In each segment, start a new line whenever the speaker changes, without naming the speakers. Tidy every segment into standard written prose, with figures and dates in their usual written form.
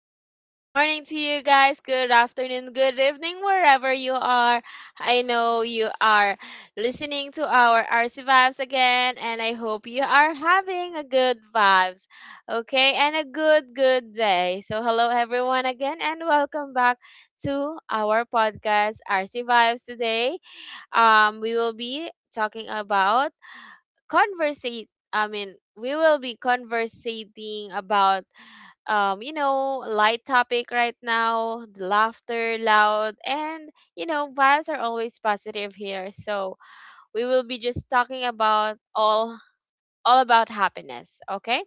up? Good morning to you guys. Good afternoon, good evening, wherever you are. I know you are listening to our RC Vibes again, and I hope you are having a good vibes, okay, and a good day. So, hello, everyone, again, and welcome back to our podcast, RC Vibes. Today, we will be talking about conversate. I mean, we will be conversating about light topic right now, the laughter loud, and vibes are always positive here. So we will be just talking about all about happiness, okay?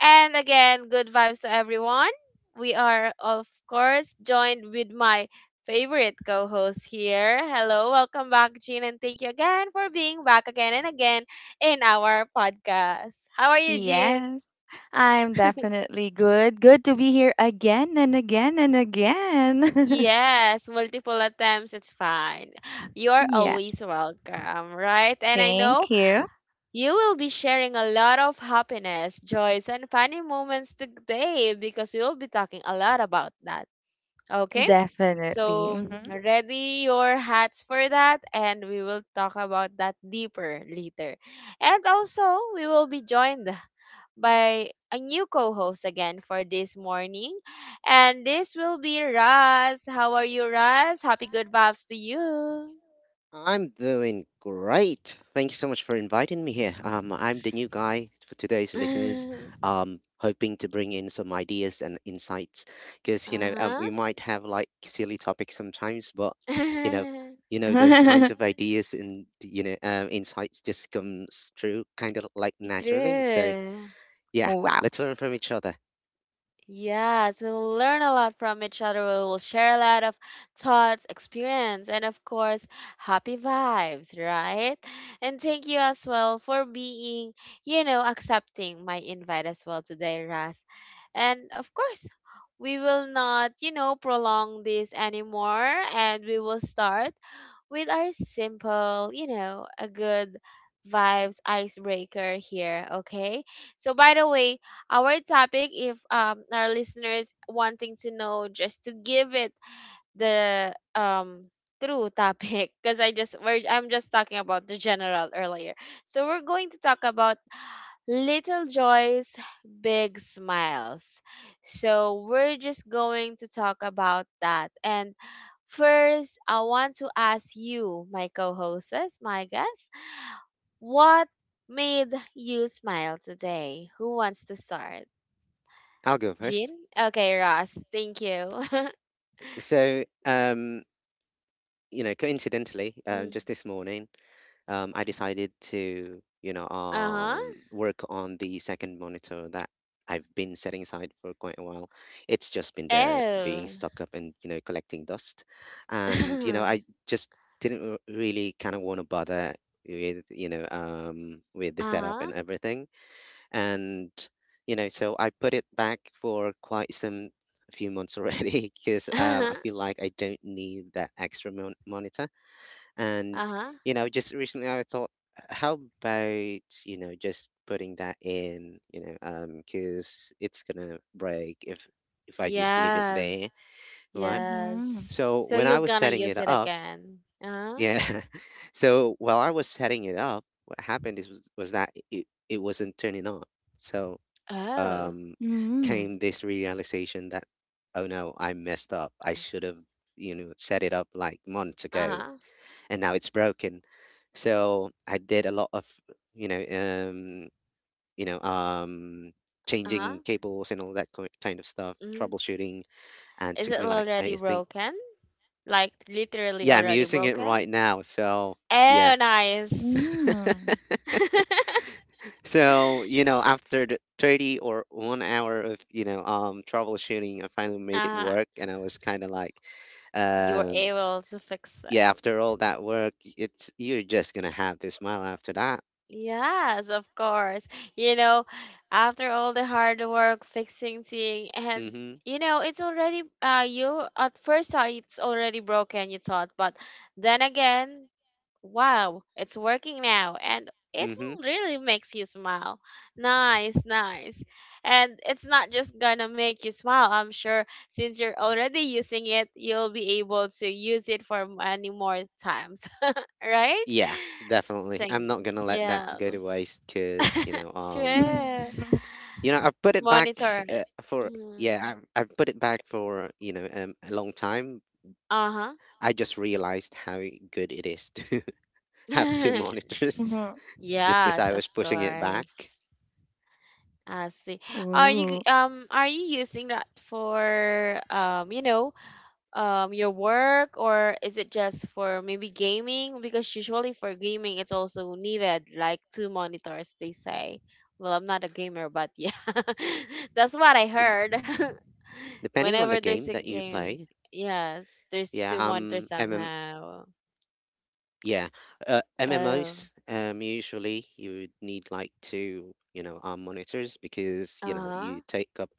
And again, good vibes to everyone. We are of course joined with my favorite co-host here. Hello, welcome back, Jean, and thank you again for being back again and again in our podcast. How are you, Jean?
Yes, I'm definitely good. Good to be here again and again and again.
Yes, multiple attempts, it's fine. You're
Yeah,
always welcome, right? And I
thank
know
you.
you will be sharing a lot of happiness, joys, and funny moments today because we will be talking a lot about that. Okay?
Definitely.
So,
Hmm.
ready your hats for that, and we will talk about that deeper later. And also, we will be joined by a new co-host again for this morning. And this will be Raz. How are you, Raz? Happy good vibes to you.
I'm doing great. Thank you so much for inviting me here. I'm the new guy for today's listeners. Hoping to bring in some ideas and insights because
uh-huh.
we might have like silly topics sometimes, but you know, you know those kinds of ideas and insights just comes through kind of like naturally. So
True.
yeah,
Wow.
let's learn from each other.
Yes, we will learn a lot from each other. We will share a lot of thoughts, experience, and of course, happy vibes, right? And thank you as well for being, accepting my invite as well today, Ras. And of course, we will not, prolong this anymore and we will start with our simple, a good vibes icebreaker here, okay? So by the way, our topic if our listeners wanting to know just to give it the true topic because I'm just talking about the general earlier. So we're going to talk about little joys, big smiles. So we're just going to talk about that and first, I want to ask you, my co-hosts, my guests, what made you smile today? Who wants to start?
I'll go first.
Jean? Okay, Ross. Thank you.
So you know, coincidentally,
Mm.
just this morning. I decided to, you know,
Uh-huh.
work on the second monitor that I've been setting aside for quite a while. It's just been there being
Oh.
stuck up and, you know, collecting dust. And, you know, I just didn't really kind of want to bother with, you know, with the setup and
uh-huh.
everything. And, you know, so I put it back for quite some a few months already because I feel like I don't need that extra monitor and,
uh-huh.
you know, just recently I thought, how about, you know, just putting that in, you know, because it's gonna break if I just leave it
Yes.
there, right?
Hmm.
So
Yes. So
when I
you're
was
gonna
setting
use
it
it
up,
again. Uh-huh.
yeah. So while I was setting it up, what happened was that it wasn't turning on. So
Oh.
um,
Hmm.
came this realization that, oh no, I messed up. I should have, you know, set it up like months ago,
Uh-huh.
and now it's broken. So I did a lot of, you know, um, you know, um,
Uh-huh.
changing cables and all that kind of stuff,
Hmm.
troubleshooting, and
Is
took
it
me like
already
I think,
broken? Like literally
yeah, I'm
already
using it
broken?
right now. So yeah.
Oh, nice.
Hmm.
So, you know, after the 30 or 1 hour of, you know, troubleshooting, I finally made it
uh,
work. And I was kind of like,
you were
um,
able to fix
yeah,
it.
after all that work, it's you're just going to have this smile after that.
Yes, of course. You know, after all the hard work fixing thing
Mm
and
hmm.
it's already you at first thought it's already broken, you thought, but then again, wow, it's working now and it
Mm hmm.
will really makes you smile. Nice, nice. And it's not just gonna make you smile, I'm sure since you're already using it, you'll be able to use it for many more times, right?
Yeah, definitely.
Thing.
I'm not going to let that go to
Yes.
waste because,
True.
Hmm.
you know, I've put it back
Monitor it.
for yeah,
Mm.
I've put it back for a long time.
Uh-huh.
I just realized how good it is to have two monitors, just because
Yes,
I
of
was pushing it back.
course. I see.
Ooh.
Are you using that for your work or is it just for maybe gaming? Because usually for gaming it's also needed like two monitors they say. Well, I'm not a gamer, but yeah, that's what I
D-
heard.
Depending on
Whenever
the
there's
game
a
that you
games,
play,
yes, there's
yeah,
two monitors
um,
somehow.
Yeah,
Oh,
MMOs, usually you would need like two, you know, arm monitors because, you know, you
uh-huh,
take up,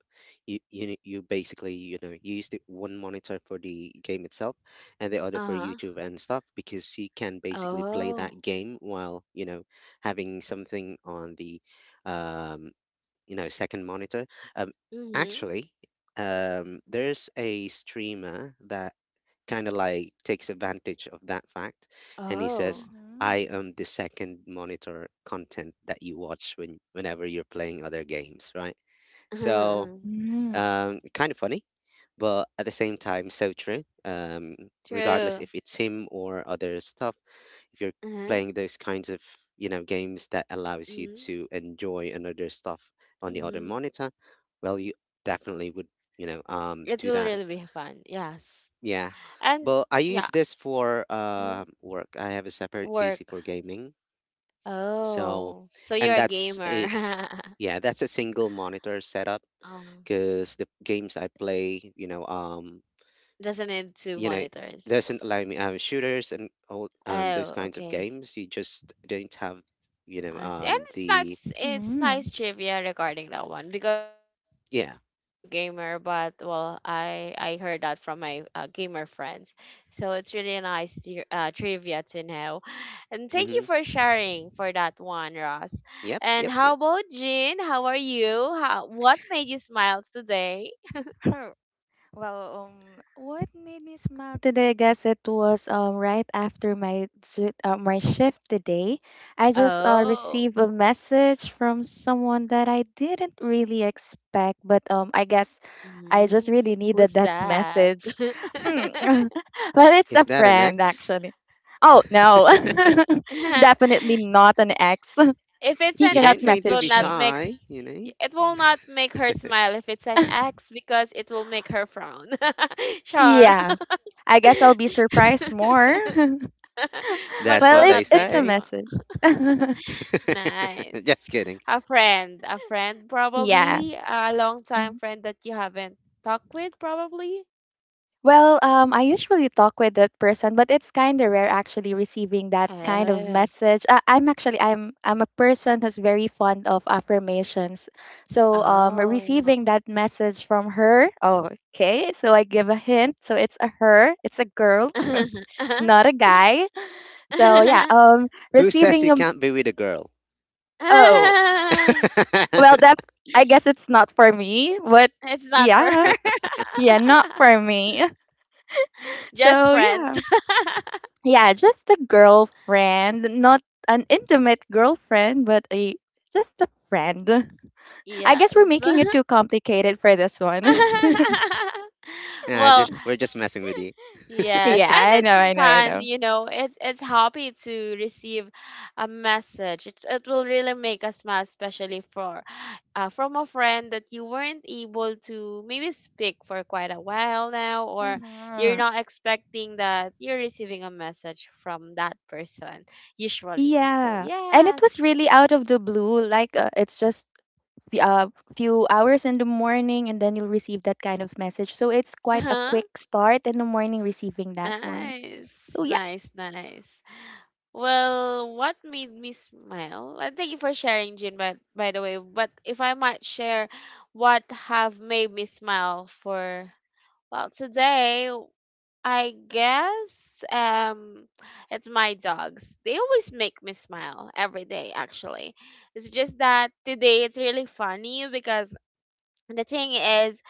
you basically, you know, use the one monitor for the game itself and the other for
uh-huh.
YouTube and stuff because you can basically play
Oh,
that game while, you know, having something on the, um, you know, second monitor. Um,
mm-hmm.
actually, there's a streamer that kind of like takes advantage of that fact and he says
Oh,
I
Hmm.
am the second monitor content that you watch when whenever you're playing other games, right? So
Hmm.
kind of funny but at the same time so true. Regardless
true.
if it's him or other stuff, if you're
Uh-huh.
playing those kinds of, you know, games that allows you
Mm-hmm.
to enjoy another stuff on the other
Mm-hmm.
monitor, well, you definitely would,
It
do
will
that.
really be fun. Yes,
Yeah.
and
But I use
yeah,
this for
mm-hmm.
work. I have a separate PC
Work.
for gaming. So,
Oh, so
and
you're a
that's
gamer.
a yeah, that's a single monitor setup
Oh,
because the games I play,
doesn't need two
you know, doesn't
monitors.
allow me, shooters and all, those
Oh,
kinds of
okay.
games. You just don't have,
I see. And it's not
the
s- it's
Hmm.
nice trivia regarding that one because well I'm
yeah.
really not a gamer but well I heard that from my gamer friends so it's really a nice to, trivia to know and thank you
Mm-hmm.
for sharing for that one, Ross.
Yep,
And
yep,
how
yep.
about Jean, how are you, how what made you smile today?
Well, what made me smile today? I guess it was right after my my shift today. I just
Oh.
received a message from someone that I didn't really expect, but I guess I just
Mm.
really
Who's
needed that
that?
message. Hmm. But it's
Is
a
that an
friend
X?
actually. Oh no, definitely not an ex.
if it's
He
an
You
cannot
don't
ex it
need to
will
be
message
not
me.
make
shy, you know.
It will not make her smile if it's an ex because it will make her frown. sure.
Yeah, I guess I'll be surprised more.
but it
That's what
will
Well,
they
not
it's
make
it's
you
a
say.
smile.
message.
Nice.
Just kidding.
A friend. A friend,
Yeah.
probably. A long time
Mhm.
friend that you haven't talked with, probably.
Well, I usually talk with that person, but it's kind of rare actually receiving that kind of
Uh,
message. I'm actually I'm a person who's very fond of affirmations, so
oh.
receiving that message from her. Oh, okay, so I give a hint. So it's a her. It's a girl, not a guy. So yeah,
Who says
receiving
you
a,
can't be with a girl? Yeah.
oh, well, that I guess it's not for me, but
it's not for her.
yeah, yeah, not for me.
Just
So
friends.
yeah, yeah, just a girlfriend, not an intimate girlfriend, but a just a friend. I guess we're
yes.
making it too complicated for this one.
Nah,
well,
just we're just messing with you.
yes,
Yeah,
and
I know,
it's
I know, I
fun,
know.
you know. It's happy to receive a message. It will really make us smile, especially for from a friend that you weren't able to maybe speak for quite a while now, or you're
Hmm.
not expecting that you're receiving a message from that person usually. So
Yeah, and it was
yes,
really out of the blue. Like it's just a few hours in the morning, and then you'll receive that kind of message. So it's quite a
uh-huh.
quick start in the morning receiving that one.
Nice,
So
nice, nice. Well, what made me smile? And thank you for sharing, Jin, by the way. But if I might share what have made me smile for, well, today, I guess it's my dogs. They always make me smile every day, actually. It's just that today it's really funny because the thing is,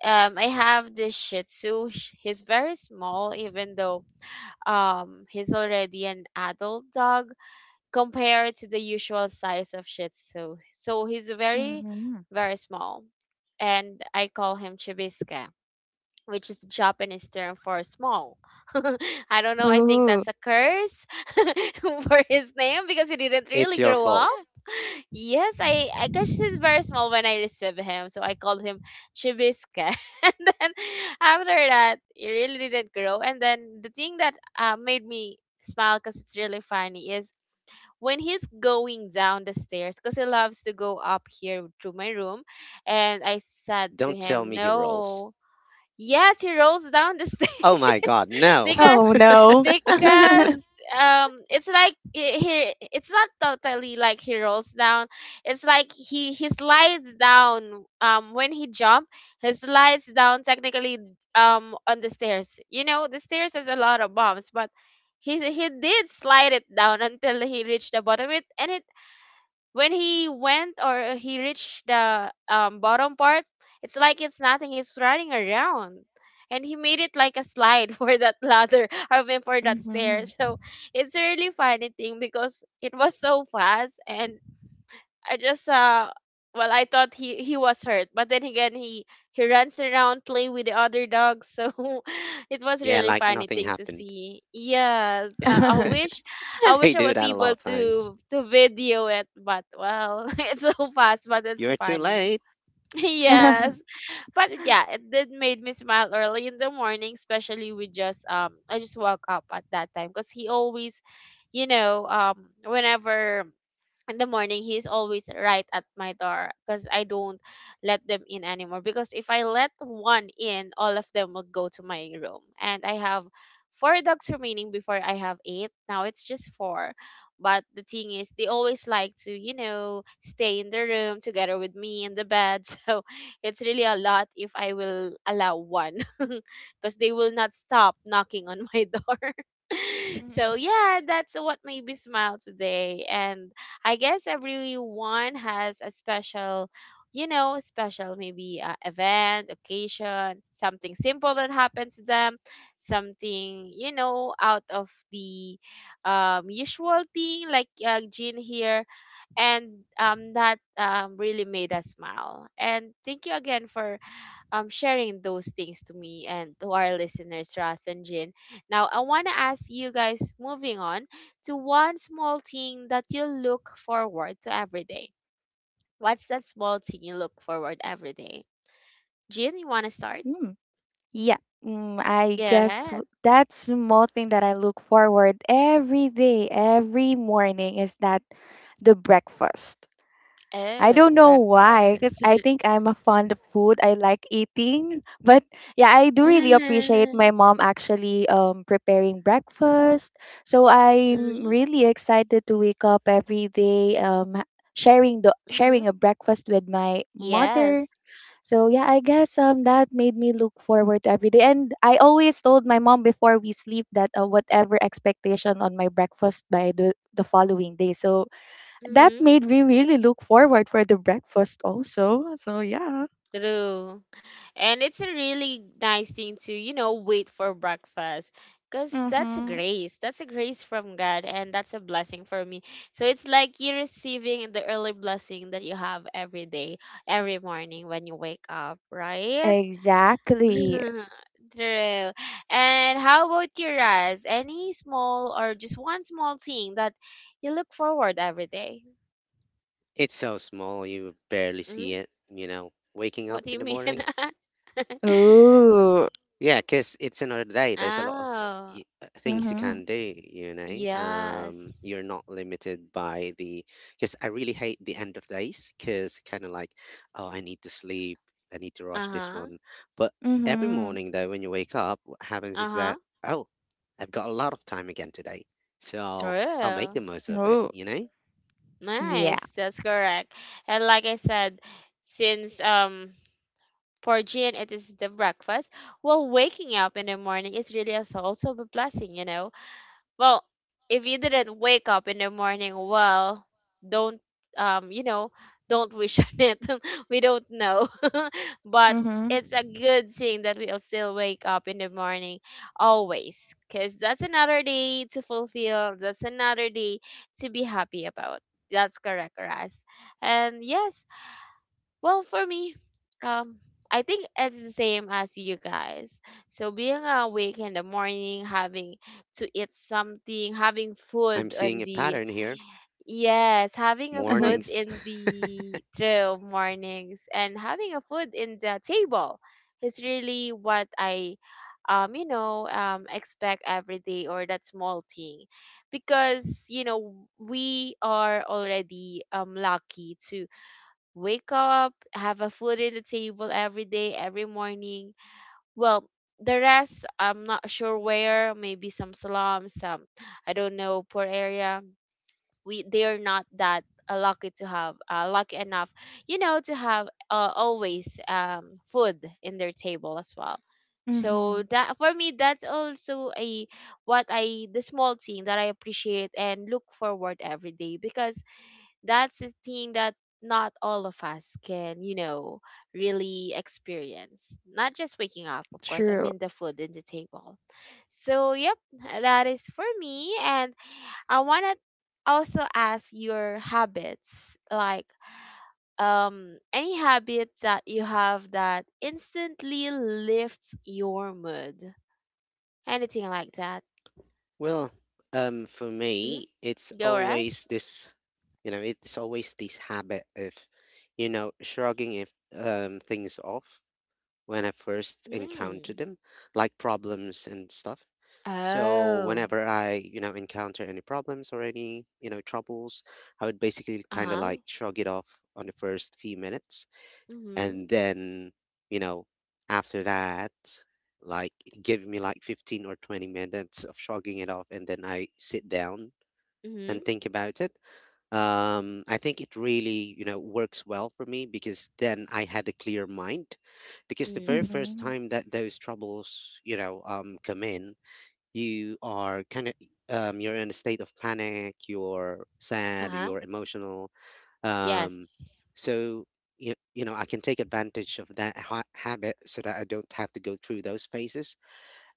I have this Shih Tzu. He's very small, even though he's already an adult dog compared to the usual size of Shih Tzu. So he's very,
Mhm.
very small. And I call him Chibisca, which is Japanese term for small. I don't know. I think
Ooh.
that's a curse for his name because he didn't really
It's your
grow
fault.
up. Yes, I cause he's very small when I receive him, so I called him Chibisca. and then after that, he really didn't grow. And then the thing that made me smile, cause it's really funny, is when he's going down the stairs, cause he loves to go up here to my room, and I said to
Don't tell
him,
me he rolls.
"No." Yes, he rolls down the stairs.
Oh my god, no.
because
Oh no.
because it's like he, it's not totally like he rolls down, it's like he slides down when he jump, he slides down technically on the stairs, you know the stairs has a lot of bumps, but he did slide it down until he reached the bottom it and it when he went or he reached the bottom part, it's like it's nothing. He's running around, and he made it like a slide for that ladder. I mean, for that stair.
Mhm.
So it's a really funny thing because it was so fast, and I just well I thought he was hurt, but then again he runs around playing with the other dogs, so it was
Yeah,
really
like
funny
nothing
thing to
happened.
see. Yes, I
Mhm.
wish I wish
They
I
do
was
that a
able
lot of times.
to video it, but well, it's so fast, but it's
You're too
funny.
late.
Yes, but yeah, it did made me smile early in the morning, especially we just I just woke up at that time because he always, whenever in the morning he's always right at my door because I don't let them in anymore because if I let one in all of them will go to my room and I have four dogs remaining, before I have eight, now it's just four. But the thing is they always like to, you know, stay in the room together with me in the bed, so it's really a lot if I will allow one, because they will not stop knocking on my door. so yeah, that's what made me smile today. And I guess everyone has a special, you know, special maybe event, occasion, something simple that happened to them, something, you know, out of the usual thing, like Jean here. And that really made us smile. And thank you again for sharing those things to me and to our listeners, Ras and Jin. Now, I want to ask you guys, moving on, to one small thing that you look forward to every day. What's that small thing you look forward every day? Jin, you want to start?
Mm. Yeah, I
Go
guess
ahead.
that's small thing that I look forward every day, every morning is that the breakfast. I don't
Oh,
know why, because
breakfast.
I think I'm a fond of food. I like eating, but yeah, I do really appreciate my
Mhm,
mom actually preparing breakfast. So I'm really excited to wake up every day sharing
mhm.
a breakfast with my mother.
Yes.
So yeah, I guess that made me look forward to every day. And I always told my mom before we sleep that whatever expectation on my breakfast by the following day. So that made me really look forward for the breakfast also. So yeah.
True. And it's a really nice thing to, you know, wait for breakfast. Because that's a
Mhm.
grace. That's a grace from God. And that's a blessing for me. So it's like you're receiving the early blessing that you have every day, every morning when you wake up, right?
Exactly.
True. And how about your eyes? Any small or just one small thing that you look forward every day?
It's so small you barely see
Mm-hmm.
it, you know. Waking
What
up
do you
in the
mean?
morning.
Ooh.
Yeah, because it's another day. There's a lot of
Oh,
things you
Mhm.
can do, you know.
yes.
You're not limited by the. Because I really hate the end of days, because kind of like, oh, I need to sleep. I need to rush this
Uh-huh.
one. But every
Mhm.
morning, though, when you wake up, what happens is
Uh-huh.
that, oh, I've got a lot of time again today. So I'll make
True.
the most of it,
Oh.
you know.
Yeah.
Nice. That's correct. And like I said, since for Jean it is the breakfast, well waking up in the morning is really also a blessing, you know. Well, if you didn't wake up in the morning, well, don't um, you know, don't wish on it. we don't know. but
Mhm.
it's a good thing that we'll still wake up in the morning always because that's another day to fulfill. That's another day to be happy about. That's correct, Ras. And yes, well, for me, um, I think it's the same as you guys. So being awake in the morning, having to eat something, having
I'm
food on
seeing a
the
pattern here.
yes, having a
Mhm.
food
Mornings.
in the trail mornings and having a food in the table is really what I expect every day, or that small thing, because we are already lucky to wake up, have a food in the table every day, every morning. Well, the rest, I'm not sure where, maybe some slums, some, I don't know, poor area. We, they are not that lucky to have, lucky enough, you know, to have always food in their table as well. So that for me, that's also a what I the small thing that I appreciate and look forward every day, because that's the thing that not all of us can, you know, really experience. Not just waking up, of course. I
True.
mean the food in the table. So yep, that is for me. And I wanna also ask your habits, like any habits that you have that instantly lifts your mood. Anything like that.
Well, for
Hmm.
me, it's
Go
always
rest.
this, it's always this habit of, you know, shrugging if things off when I first encounter
Mm.
them, like problems and stuff. So
Oh.
whenever I, you know, encounter any problems or any, you know, troubles, I would basically kind of
Uh-huh.
like shrug it off on the first few minutes
Mm-hmm.
and then, you know, after that, like, give me like 15 or 20 minutes of shrugging it off, and then I sit down and
Mm-hmm.
think about it. I think it really, you know, works well for me because then I had a clear mind, because the
Mm.
very first
Mhm.
time that those troubles, come in, you are kind of, you're in a state of panic, you're sad,
Uh-huh.
you're emotional, um,
Yes.
so you know, I can take advantage of that habit so that I don't have to go through those phases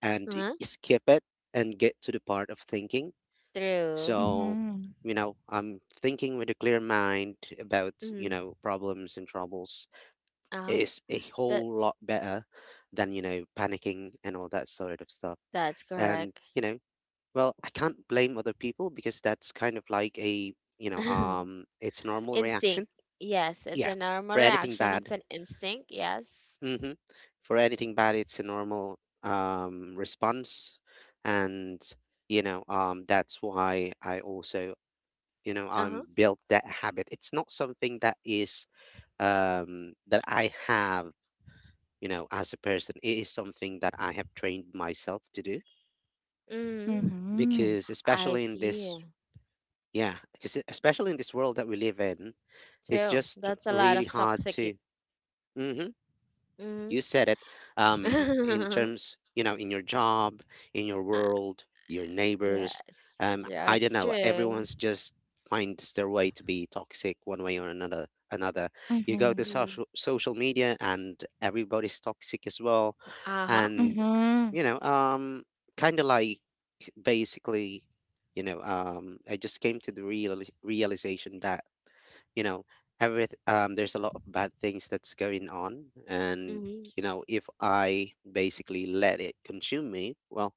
and
Uh-huh.
skip it and get to the part of thinking.
True.
So,
Mhm.
you know, I'm thinking with a clear mind about, you
Mm.
know, problems and troubles
Uh-huh.
is a
That
whole lot better than, you know, panicking and all that sort of stuff.
that's
And,
correct.
you know, well, I can't blame other people because that's kind of like a, it's normal
Instinct.
reaction.
Yes, it's
Yeah,
a normal
for anything
reaction. It's
bad.
an instinct. Yes.
Hmm. For anything bad, it's a normal response, and that's why I also, you know,
Uh-huh.
I'm built that habit. It's not something that is that I have, you know, as a person. It is something that I have trained myself to do
Mm.
Mhm.
because
I
especially in this
see.
yeah because especially in this world that we live in, it's
True.
just
That's a lot
really
of
hard
toxic.
to. Mhm, you
Mm.
said it in terms, you know, in your job, in your
Uh,
world, your neighbors,
yes.
I don't
That's
know,
true.
everyone's just finds their way to be toxic one way or another. You go to
Mhm.
Mm.
social media and everybody's toxic as well,
Uh-huh.
and
Mhm.
you know um kind of like basically, I just came to the realization that, you know, every there's a lot of bad things that's going on, and
Mm-hmm.
you know, if I basically let it consume me, well,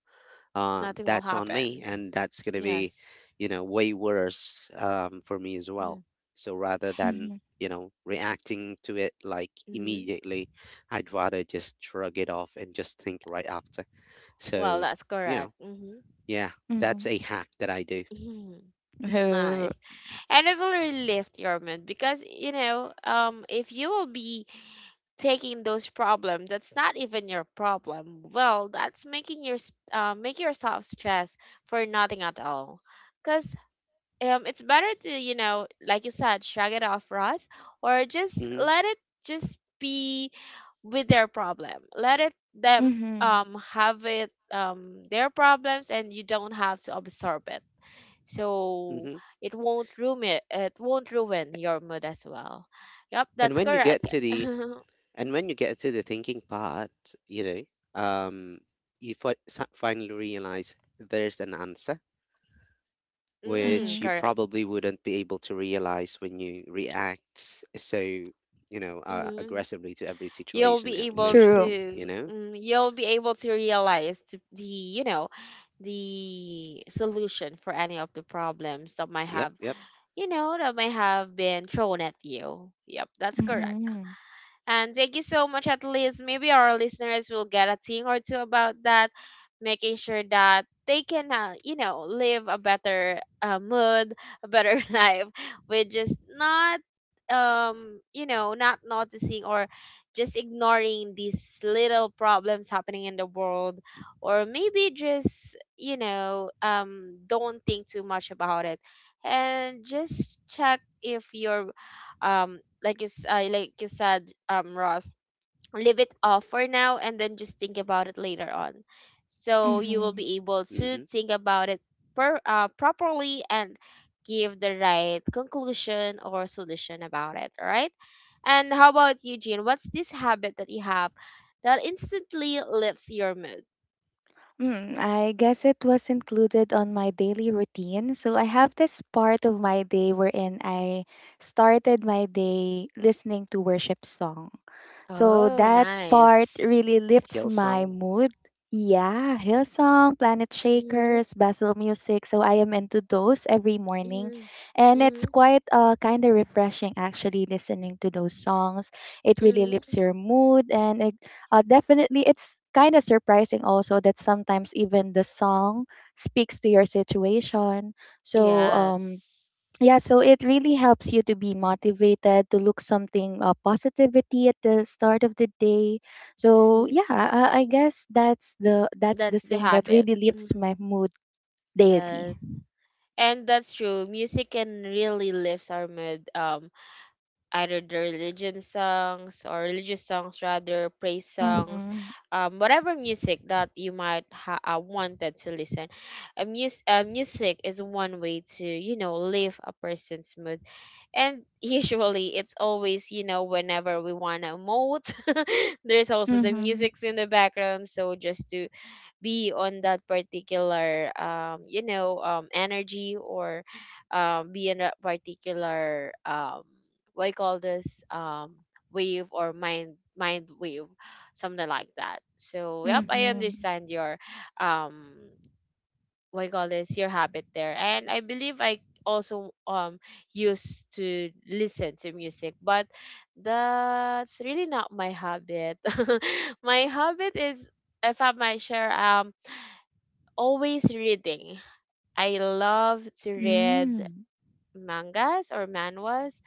Nothing will
that's on me,
happen.
and that's going to be,
Yes.
you know, way worse, for me as
Mm-hmm.
well. So rather than,
Mhm.
you know, reacting to it like
Mm-hmm.
immediately, I'd rather just shrug it off and just think right after.
Well,
So,
that's
you know,
correct. Mm-hmm.
yeah, that's
Mhm.
a hack that I do.
Oh.
Nice. And it will really lift your mood because, you know, if you will be taking those problems that's not even your problem, well, that's making your make yourself stress for nothing at all, because it's better to, you know, like you said, shrug it off, Ross, or just
Mm-hmm,
let it just be with their problem, let it them
Mhm.
have it their problems, and you don't have to absorb it, so
mm-hmm.
it won't ruin it, it won't ruin your mood as well. Yep,
And
that's
when you get
correct.
to the and when you get to the thinking part, you know, um, you finally realize there's an answer
Mm,
which you
Mhm.
correct.
probably wouldn't be able to realize when you react so, you know,
Mhm.
aggressively to every
You'll
situation,
be able
True.
emotionally. You
to
know.
mm, you'll be able to realize the, you know, the solution for any of the problems that might
Yep.
have,
Yep.
you know, that might have been thrown at you. Yep, that's correct.
Mhm.
And thank you so much. At least maybe our listeners will get a thing or two about that, making sure that they can, you know, live a better mood, a better life, with just not, you know, not noticing or just ignoring these little problems happening in the world, or maybe just, you know, don't think too much about it, and just check if your um like you, like you said, Ross, leave it off for now and then just think about it later on. So you will
Mhm.
be able to
Mm-hmm.
think about it properly and give the right conclusion or solution about it. All right. And how about you, Jean? What's this habit that you have that instantly lifts your mood?
Hmm. I guess it was included on my daily routine. So I have this part of my day wherein I started my day listening to worship song. So
Oh,
that part
nice.
really lifts my
Hillsong.
mood. Yeah, Hillsong, Planet
Mm-hmm,
Shakers, Bethel Music. So I am into those every morning.
mm-hmm,
And it's
mm-hmm,
quite kind of refreshing actually listening to those songs. It really
mm-hmm.
lifts your mood, and it definitely it's kind of surprising also that sometimes even the song speaks to your situation. So
Yes.
yeah, so it really helps you to be motivated to look something positivity at the start of the day. So
Mm-hmm.
yeah, I guess that's the
That's the
thing that
habit.
really lifts my mood daily.
Yes. And that's true. Music can really lift our mood. Either the religion songs, or religious songs rather, praise songs,
Mhm.
whatever music that you might wanted to listen. Music is one way to, you know, lift a person's mood. And usually it's always, you know, whenever we want to emote, there's also the
Mhm.
music's in the background. So just to be on that particular energy, or be in that particular what you call this, wave or mind wave, something like that. So yep, I
Mhm.
understand your um what you call this, your habit there, and I believe I also used to listen to music, but that's really not my habit. My habit is, if I might share, always reading. I love to read
Mm.
mangas or manhwas.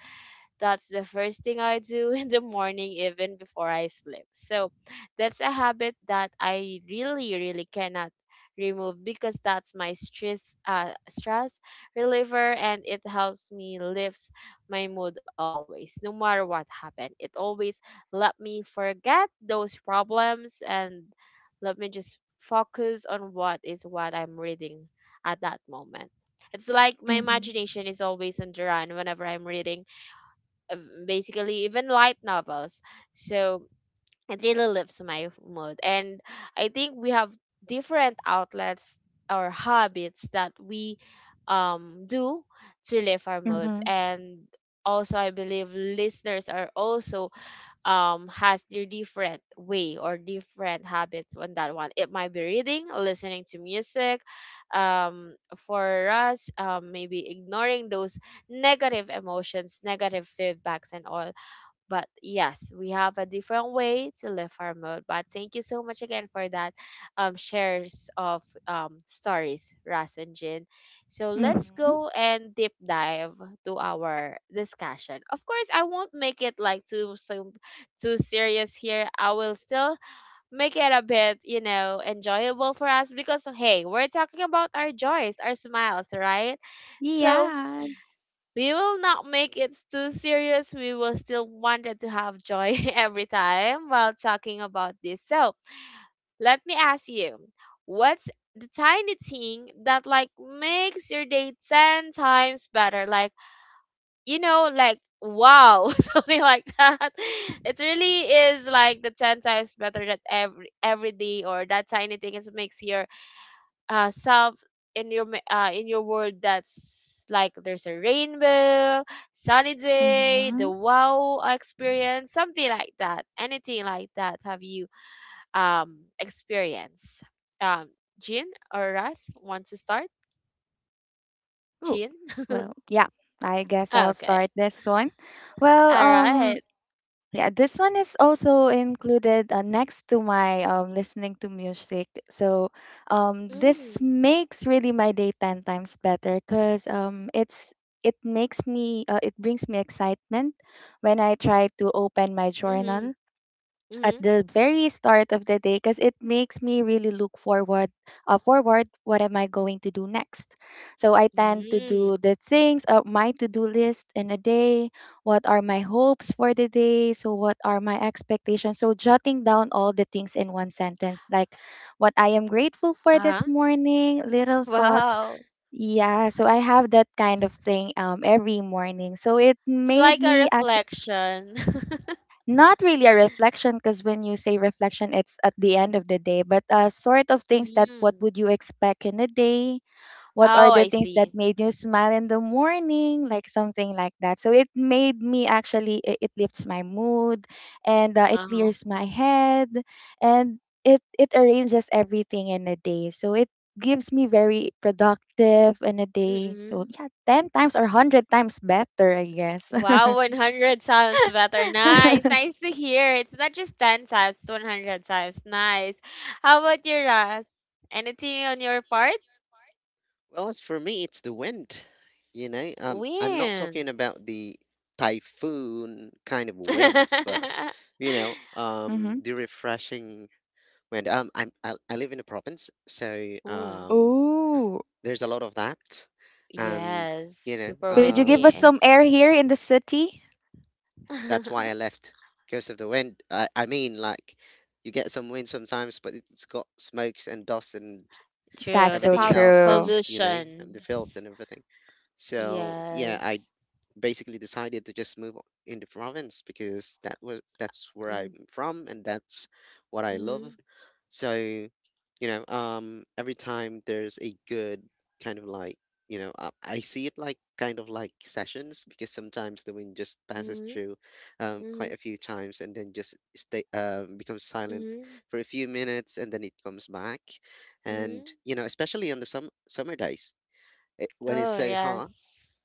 That's the first thing I do in the morning, even before I sleep. So that's a habit that I really, really cannot remove, because that's my stress reliever, and it helps me lifts my mood always, no matter what happened. It always let me forget those problems and let me just focus on what is what I'm reading at that moment. It's like my
Mhm.
imagination is always on the run whenever I'm reading, uh, basically, even light novels. So it really lifts my mood. And I think we have different outlets or habits that we do to lift our moods.
Mhm.
And also, I believe listeners are also has their different way or different habits on that one. It might be reading, listening to music, um for us maybe ignoring those negative emotions, negative feedbacks and all. But yes, we have a different way to live our mood. But thank you so much again for that shares of stories, Ras and Jin. So let's
Mhm.
go and deep dive to our discussion. Of course, I won't make it like too serious here. I will still make it a bit, you know, enjoyable for us, because hey, we're talking about our joys, our smiles, right? So
Yeah.
we will not make it too serious. We will still wanted to have joy every time while talking about this. So let me ask you, what's the tiny thing that like makes your day ten times better? Like, you know, like wow, something like that. It really is like the ten times better that every day, or that tiny thing is makes your self in your in your world, that's like there's a rainbow, sunny day, the
Mhm.
wow experience, something like that. Anything like that have you experienced? Um, Jean or Russ want to start?
Oh,
Jean?
well, yeah, I guess I'll
Okay.
start this one. Well,
All right.
yeah, this one is also included next to my listening to music. So this
Mm,
makes really my day 10 times better because it brings me excitement when I try to open my
mm-hmm,
journal at
mm-hmm,
the very start of the day because it makes me really look forward what am I going to do next. So I tend to do
mm-hmm.
the things of my to-do list in a day, what are my hopes for the day, so what are my expectations, so jotting down all the things in one sentence, like what I am grateful for this
Uh-huh.
morning, little thoughts.
Wow.
Yeah, so I have that kind of thing every morning, so it
It's
made
like a
me actually.
reflection.
Not really a reflection, because when you say reflection it's at the end of the day, but sort of things that what
Mm.
would you expect in a day, what are
Oh,
the
I
things that
see.
made you smile in the morning, like something like that. So it made me actually, it lifts my mood, and it
Uh-huh.
clears my head. And it arranges everything in a day, so it gives me very productive in a day. So
Mm-mm.
yeah, 10 times or 100 times better, I guess.
Wow, 100 sounds better. Nice. Nice to hear. It's not just 10 sounds, 100 times. Nice. How about your Ras? Anything on your part?
Well, as for me, it's the wind. You know, I'm not
Wind.
talking about the typhoon kind of winds, but you know,
Mm-hmm.
the refreshing wind. I live in a province, so
Hmm.
Oh.
there's a lot of that, and
Yes,
you know,
super
Could you give us
windy.
some air here in the city?
that's why I left because of the wind. I mean, like, you get some wind sometimes, but it's got smokes and dust and
That's
True. The
so
everything else
true.
that's, you know, the
pollutions.
filth and everything. So yeah, I
Yes.
basically decided to just move in the province because that was that's where I'm
Mm-hmm.
from and that's what I love.
Mm-hmm.
So, you know, every time there's a good kind of like, you know, I see it like kind of like sessions because sometimes the wind just passes
Mm-hmm.
through quite a few times and then just stay, becomes silent
Mm-hmm.
for a few minutes, and then it comes back.
Mm-hmm.
And, you know, especially on the summer days, eh, when it's
Oh,
so hot,
yes.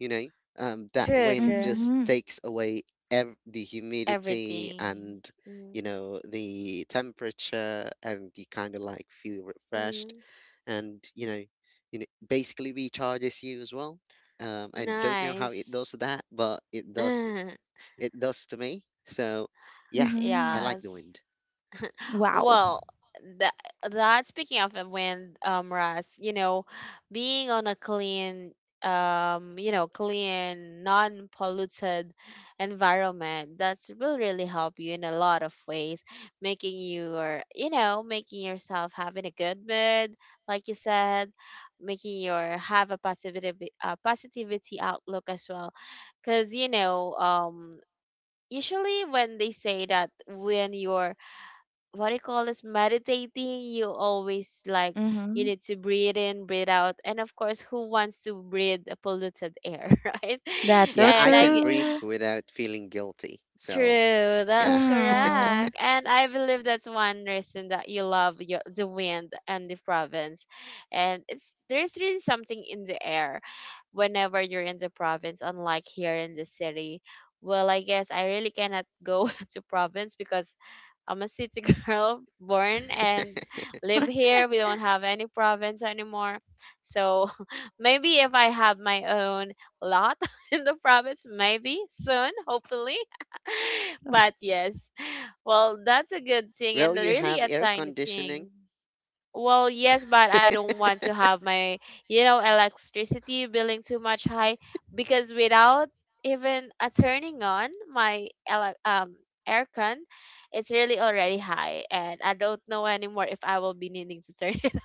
you know that
True,
wind
true.
just
Mm-hmm.
takes away the humidity
Everything.
and, you know, the temperature, and you kind of like feel refreshed.
Mm-hmm.
And you know, basically recharges you as well. I don't know how it
Nice.
does that, but it does. It does to me. So yeah, I
Mm-hmm.
like the
Yes.
wind.
Wow.
Well, that that speaking of the wind, Ras, you know, being on a clean, you know, clean, non-polluted environment, that's will really help you in a lot of ways, making you, or you know, making yourself having a good mood, like you said, making your have a positivity, positivity outlook as well, because you know, usually when they say that when you're what do you call this meditating, you always like you
Mm-hmm.
need to breathe in, breathe out, and of course who wants to breathe a polluted air right?
That's so
Yeah,
and
I
I
can breathe
true.
without feeling guilty. So
True, that's
yeah.
Mm.
correct. And I believe that's one reason that you love your, the wind and the province. And it's there's really something in the air whenever you're in the province, unlike here in the city. Well, I guess I really cannot go to province because I'm a city girl born and live here. We don't have any province anymore. So maybe if I have my own lot in the province, maybe soon, hopefully. But yes, well, that's a good thing
Well,
and
you
really
have
a
air
tiny
conditioning.
thing. Well, yes, but I don't want to have my, you know, electricity billing too much high, because without even turning on my aircon, it's really already high, and I don't know anymore if I will be needing to turn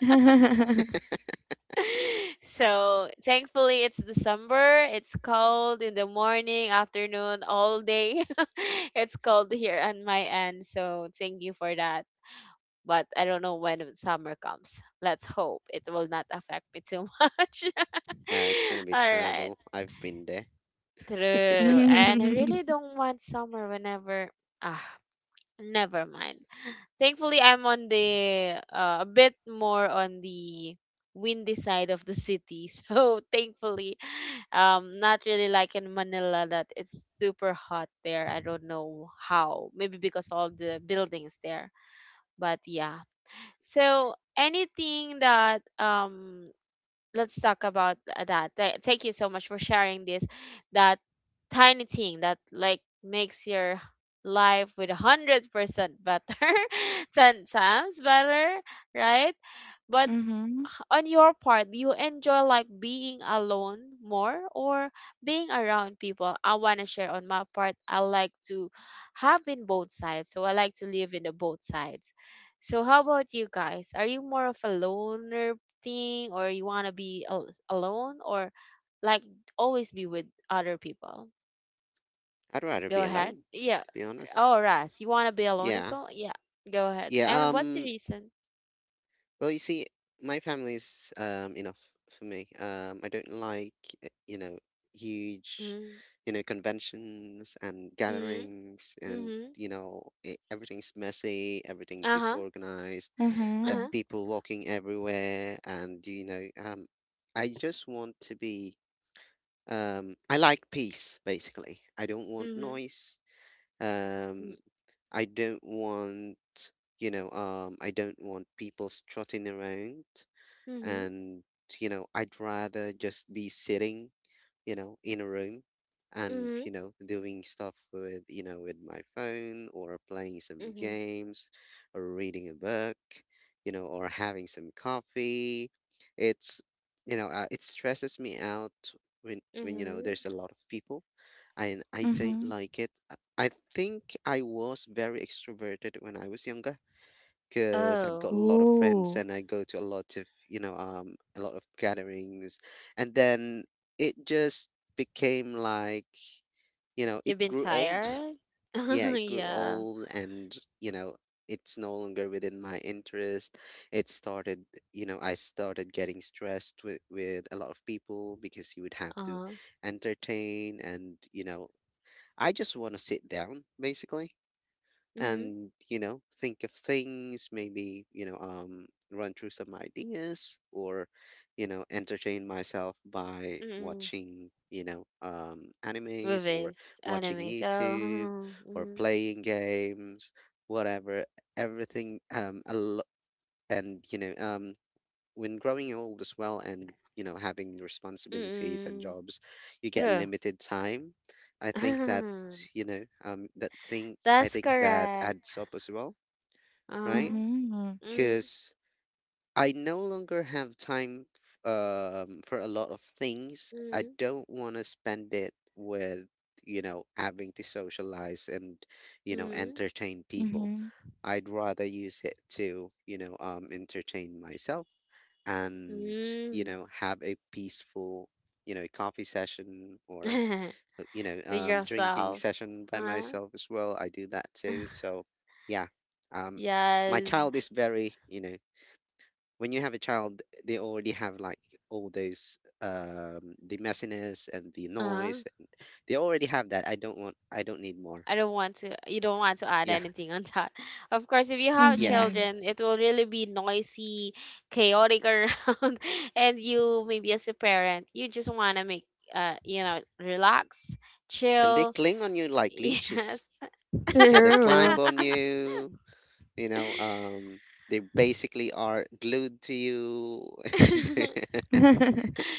so thankfully it's December. It's cold in the morning, afternoon, all day. It's cold here on my end. So thank you for that. But I don't know when summer comes. Let's hope it will not affect me too much.
Oh, it's gonna be
All right.
terrible. I've been there.
True. And I really
Mm-hmm.
don't want summer whenever ah never mind. Thankfully, I'm on the a bit more on the windy side of the city. So thankfully, not really like in Manila that it's super hot there. I don't know how. Maybe because all the buildings there. But yeah. So anything that let's talk about that. Thank you so much for sharing this. That tiny thing that like makes your life with 100% better, ten times better, right? But
Mm-hmm.
on your part, do you enjoy like being alone more, or being around people? I want to share on my part. I like to have in both sides. So I like to live in the both sides. So how about you guys? Are you more of a loner thing, or you want to be alone, or like always be with other people?
I'd rather be
Go ahead.
alone,
Yeah.
to be honest.
Oh, Ras, you want to be alone as
Yeah.
well? Yeah. Go ahead.
Yeah,
And what's the reason?
well you see, my family's enough for me. I don't like uh, you know, huge,
Mm-hmm.
conventions and
Mm-hmm.
gatherings, and
Mm-hmm.
everything's messy, everything's
Uh-huh.
disorganized.
Mm-hmm.
Uh-huh.
People walking everywhere, and I just want to be I like peace basically. I don't want
Mm-hmm.
noise.
Mm.
um I don't want I don't want people strutting around.
Mhm.
And I'd rather just be sitting, you know, in a room and,
Mhm.
you know, doing stuff with, you know, with my phone, or playing some
Mhm.
games, or reading a book, you know, or having some coffee. It's, it stresses me out when, you know,
Mhm.
there's a lot of people and I don't
Mm-hmm.
like it. I think I was very extroverted when I was younger because I've got a
Oh,
lot of friends
Ooh.
and I go to a lot of, a lot of gatherings. And then it just became like, you know, it
you've been
grew old.
tired?
Yeah, it grew
Yeah.
old and, you know, it's no longer within my interest. It started, you know, I started getting stressed with, a lot of people because you would have to
Uh-huh.
entertain and, you know, I just want to sit down basically
Mhm.
and think of things, maybe, run through some ideas, or entertain myself by
Mhm.
watching animes, or
Movies,
watching
animes. Oh.
YouTube, or
Mhm.
playing games, whatever. everything um a lo- and when growing old as well, and you know, having responsibilities and
Mhm.
jobs, you get
True.
limited time. I think that that thing, I
That's
think that adds
correct.
up as well, right?
Uh-huh.
Mm-hmm.
Mhm.
Because I no longer have time for a lot of things. I
Mhm.
don't want to spend it with, you know, having to socialize and, you know,
Mhm.
entertain people.
Mm-hmm.
I'd rather use it to, entertain myself and, you
Mhm.
know, have a peaceful, you know, coffee session, or,
With
drinking
yourself.
session by
Huh?
myself as well. I do that too. So, yeah, um, my
Yes.
child is very, you know, when you have a child, they already have like all those the messiness and the
Uh-huh.
noise. And they already have that. I don't want. I don't need more.
I don't want to, you don't want to add
Yeah,
anything on that. Of course, if you have
yeah.
Mm-hmm.
children, it will really be noisy, chaotic around, and you maybe as a parent, you just want to make, relax,
And they
chill.
cling on you like leeches.
Yes.
Yeah, they climb
True.
on you. You know, um, they basically are glued to you. And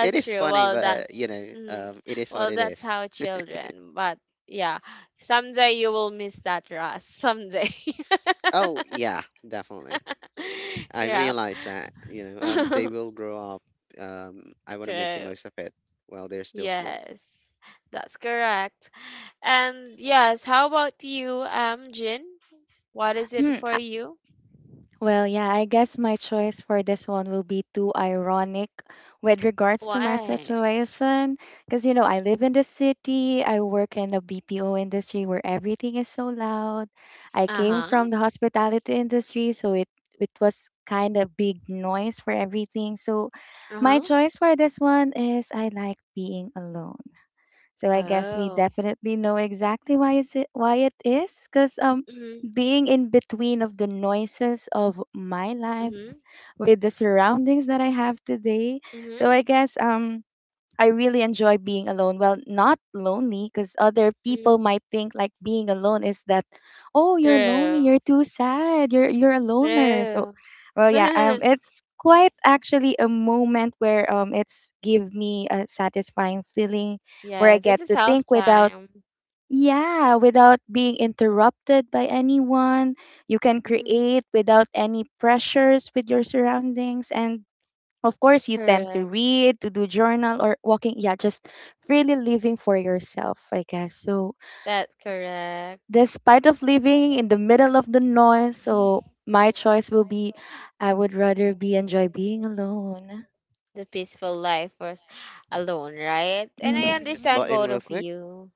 it is
true.
funny,
Well,
but
mm,
it is what it
that's
is.
how children. But yeah, someday you will miss that, Ross. Someday.
Oh yeah, definitely. I
Yep.
realize that, they will grow up. I want to make the
True.
most of it while they're still small.
Yes, that's correct. And yes, how about you, Jin? What is
Hmm.
it for you?
Well, yeah, I guess my choice for this one will be too ironic with regards to my
Why?
situation. Because, I live in the city, I work in the BPO industry where everything is so loud. I came
Uh-huh.
from the hospitality industry, so it was kind of big noise for everything. So my
Uh-huh.
choice for this one is I like being alone. So I guess we
Oh.
definitely know exactly why it is, cuz
Mm-hmm.
being in between of the noises of my life
Mm-hmm.
with the surroundings that I have today. So
Mm-hmm.
I guess I really enjoy being alone. Well, not lonely, because other people
Mm.
might think like being alone is that, oh, you're
True.
lonely, you're too sad, you're a loner. So,
True.
well, yeah, it's quite actually a moment where it's give me a satisfying feeling where I
Yes, it's
get
a
to
self
think without,
time.
yeah, without being interrupted by anyone. You can
Hmm.
create without any pressures with your surroundings, and of course, you tend to
Correct.
read, to do journal or walking, yeah, just freely living for yourself, I guess. So,
That's correct.
despite of living in the middle of the noise, so my choice will be I would rather be enjoy being alone.
The peaceful life was alone, right? And I
Let me just
Hmm.
understand
butt in
both
real
of
quick.
you.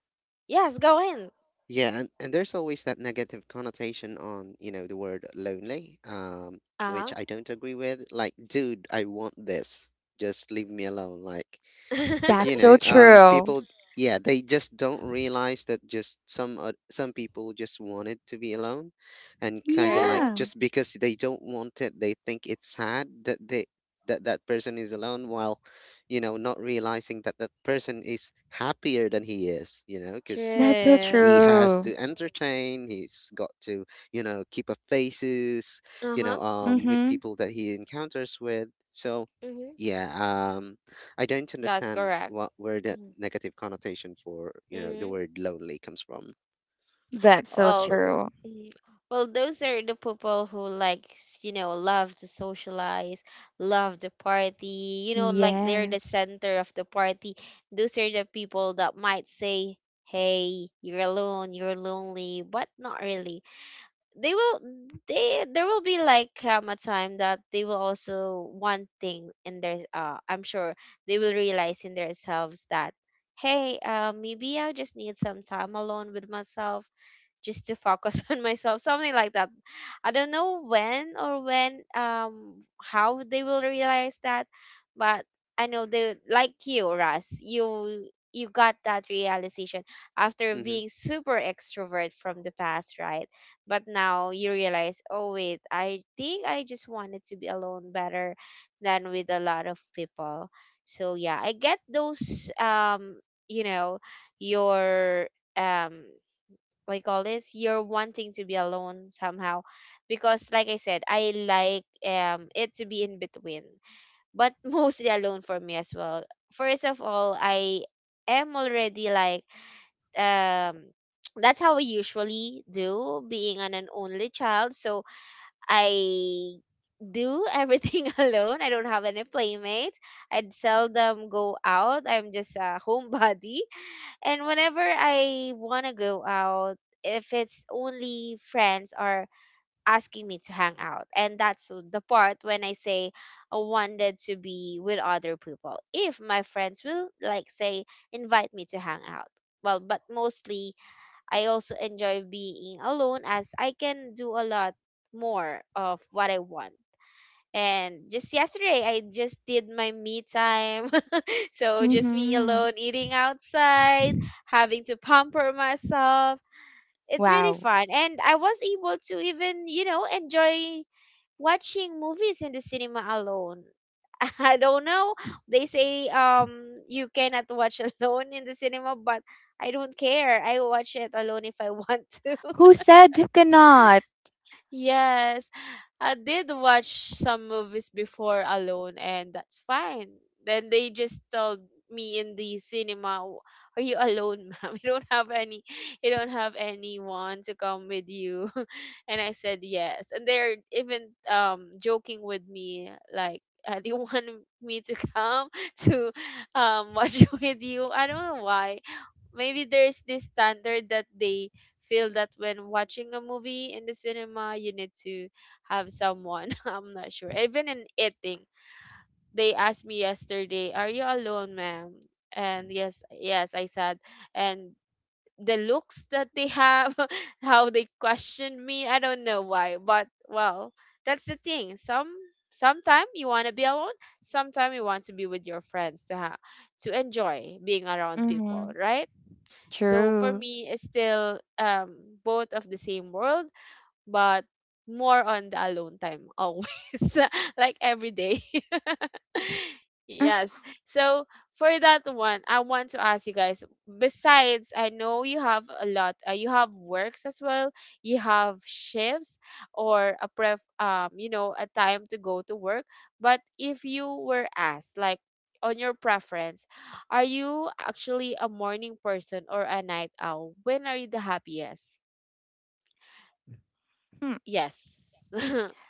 Yes, go in.
Yeah, and there's always that negative connotation on, you know, the word lonely,
Uh-huh.
which I don't agree with. Like, dude, I want this. Just leave me alone. Like,
That's so true.
people, yeah, they just don't realize that just some people just wanted to be alone, and kind of like
True,
Yeah,
just because they don't want it, they think it's sad that they that person is alone, while not realizing that that person is happier than he is, you know, because
that's so
he
true.
has
true.
to entertain, he's got to keep up faces,
Uh-huh.
with
Mm-hmm.
people that he encounters with. So
Mm-hmm.
yeah. I don't
That's
understand
correct.
what where the negative connotation for, you know, the
Mm-hmm.
word lonely comes from.
That's so
Well,
true.
mhm, well, those are the people who likes, love to socialize, love the party, like they're the
Yes.
center of the party. Those are the people that might say, "Hey, you're alone, you're lonely," but not really. They will they there will be like, a time that they will also one thing in their, I'm sure they will realize in themselves that, hey, maybe I just need some time alone with myself, just to focus on myself, something like that. I don't know when, or when how they will realize that, but I know they like you, Russ. You got that realization after
Mm-hmm.
being super extrovert from the past, right? But now you realize, oh wait, I think I just wanted to be alone better than with a lot of people. So yeah, I get those, you know, your um what you call this? You're wanting to be alone somehow. Because like I said, I like it to be in between. But mostly alone for me as well. First of all, I am already, like, um that's how I usually do being an only child. So I do everything alone. I don't have any playmates. I'd seldom go out. I'm just a homebody. And whenever I want to go out, if it's only friends are asking me to hang out. And that's the part when I say I wanted to be with other people. If my friends will, like, say invite me to hang out. Well, but mostly I also enjoy being alone as I can do a lot more of what I want. And just yesterday, I just did my me time. So just me
Mm-hmm.
alone, eating outside, having to pamper myself. It's really
Wow.
fun. And I was able to even, enjoy watching movies in the cinema alone. I don't know. They say you cannot watch alone in the cinema, but I don't care. I watch it alone if I want to.
Who said who cannot?
Yes, I did watch some movies before alone, and that's fine. Then they just told me in the cinema, Are you alone, ma'am? You don't have any, you don't have anyone to come with you." And I said yes, and they're even joking with me like. Do you want me to come to watch with you? I don't know why. Maybe there's this standard that they feel that when watching a movie in the cinema, you need to have someone. I'm not sure. Even in eating, they asked me yesterday, "Are you alone, ma'am?" And yes, yes, I said. And the looks that they have, how they question me, I don't know why, but well, that's the thing. Sometime you want to be alone, sometime you want to be with your friends to ha to enjoy being around
Mm-hmm.
people, right? So for
True.
me, it's still both of the same world, but more on the alone time always, like every day.
Uh,
Yes. So for that one, I want to ask you guys, besides, I know you have a lot, you have works as well, you have shifts, or a pref you know a time to go to work, but if you were asked, like, on your preference, are you actually a morning person or a night owl? When are you the happiest? Yes.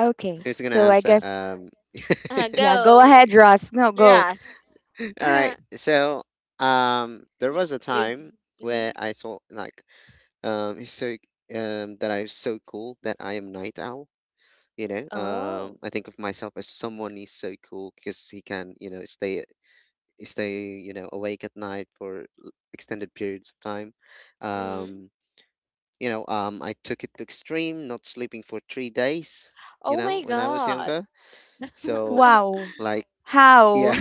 Okay.
Who's gonna
So I
answer?
guess, yeah, go
Go,
ahead, Ross. No, go.
Ras.
All right. So, there was a
With-
time where
mhm.
I thought like, it's so that I'm so cool that I am night owl.
Oh.
I think of myself as someone is so cool because he can, you know, stay, you know, awake at night for extended periods of time.
Mhm.
Um, I took it to extreme, not sleeping for 3 days. You
Oh
know,
my
when I was
God.
younger, so,
Wow.
like, yeah,
How?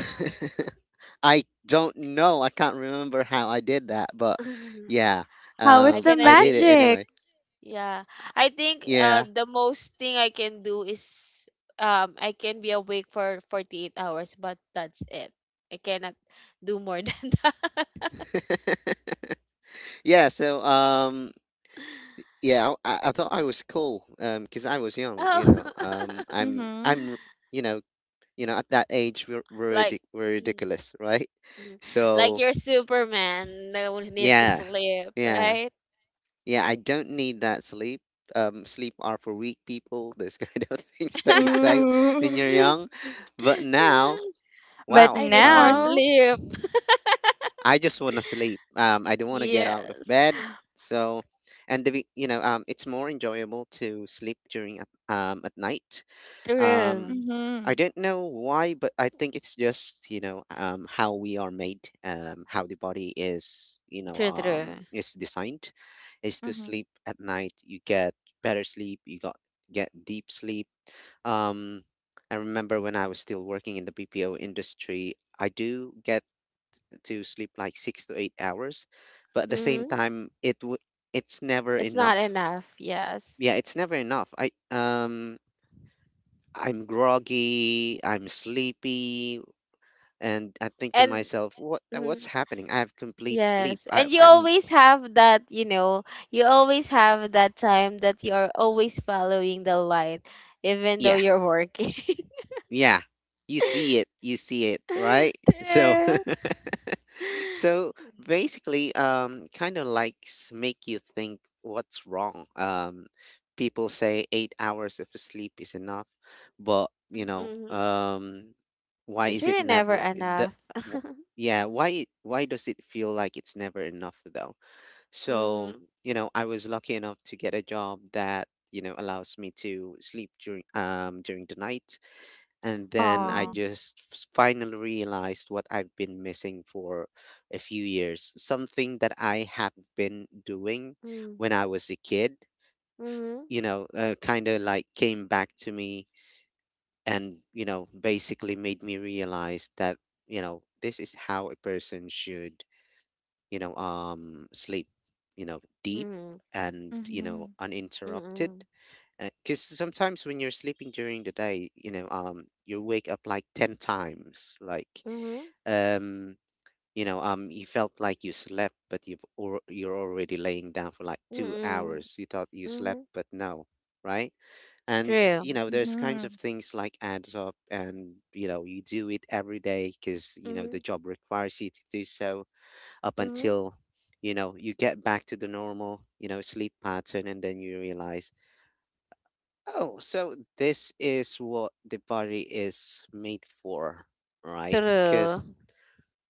I don't know, I can't remember how I did that, but yeah,
How is
I
the
can
I did
only
it
magic?
anyway.
Yeah. I think
Yeah.
the most thing I can do is, I can be awake for 48 hours, but that's it. I cannot do more than that.
Yeah, so yeah, I thought I was cool, because I was young, you
Oh.
know.
Mm-hmm.
You know, at that age
Like
we're
mm,
ridiculous, right?
mm. Like
So,
you're Superman, no one needs to
yeah.
sleep,
Yeah.
right?
Yeah, I don't need that sleep. Sleep are for weak people, those kind of things that you say when
Ooh.
you're young. But now,
But
wow.
I need more
now.
sleep.
I just want to sleep. I don't want to get out of
Yes.
bed. So, and the, it's more enjoyable to sleep at night. Um,
True.
I
Mm-hmm.
don't know why, but I think it's just how we are made, how the body is,
True, true.
is designed, is to
Mm-hmm.
sleep at night. You get better sleep. You got get deep sleep. Um, I remember when I was still working in the BPO industry, I do get to sleep like 6 to 8 hours, but at the same
Hmm.
time, it's never
It's not
enough.
enough. Yes.
Yeah, it's never enough. I'm groggy, I'm sleepy, and I think to
And,
myself, what's
mhm,
happening? I have complete sleep.
yes.
I,
And
I'm
you always have that time that you're always following the light, even though
yeah.
you're working.
yeah. You see it. You see it, right? So
True.
so basically kind of like make you think what's wrong. People say 8 hours of sleep is enough, but you know,
Mhm.
Mm-hmm.
why
It's
is it
really never
never
enough.
wh- yeah, why does it feel like it's never enough though? So,
Mm-hmm.
you know, I was lucky enough to get a job that, you know, allows me to sleep during the night. And then I
Aw.
just finally realized what I've been missing for a few years, something that I have been doing
Mm-hmm.
when I was a kid, f-
Mm-hmm.
kind of like came back to me and, you know, basically made me realize that, you know, this is how a person should, sleep, you know, deep
Mm-hmm.
and, you know,
Mm-hmm.
uninterrupted.
Mm-hmm.
Because sometimes when you're sleeping during the day, you wake up like 10 times. Like, um, you felt like you slept, but you're already laying down for like two
Mm,
hours. You thought you slept,
mhm.
but no, right? And
True.
there's kinds of
Mm-hmm.
things like adds up, and you know, you do it every day because you know the
Mhm,
job requires you to do so, up
mhm.
until you get back to the normal, you know, sleep pattern, and then you realize, oh, so this is what the body is made for, right?
True.
Because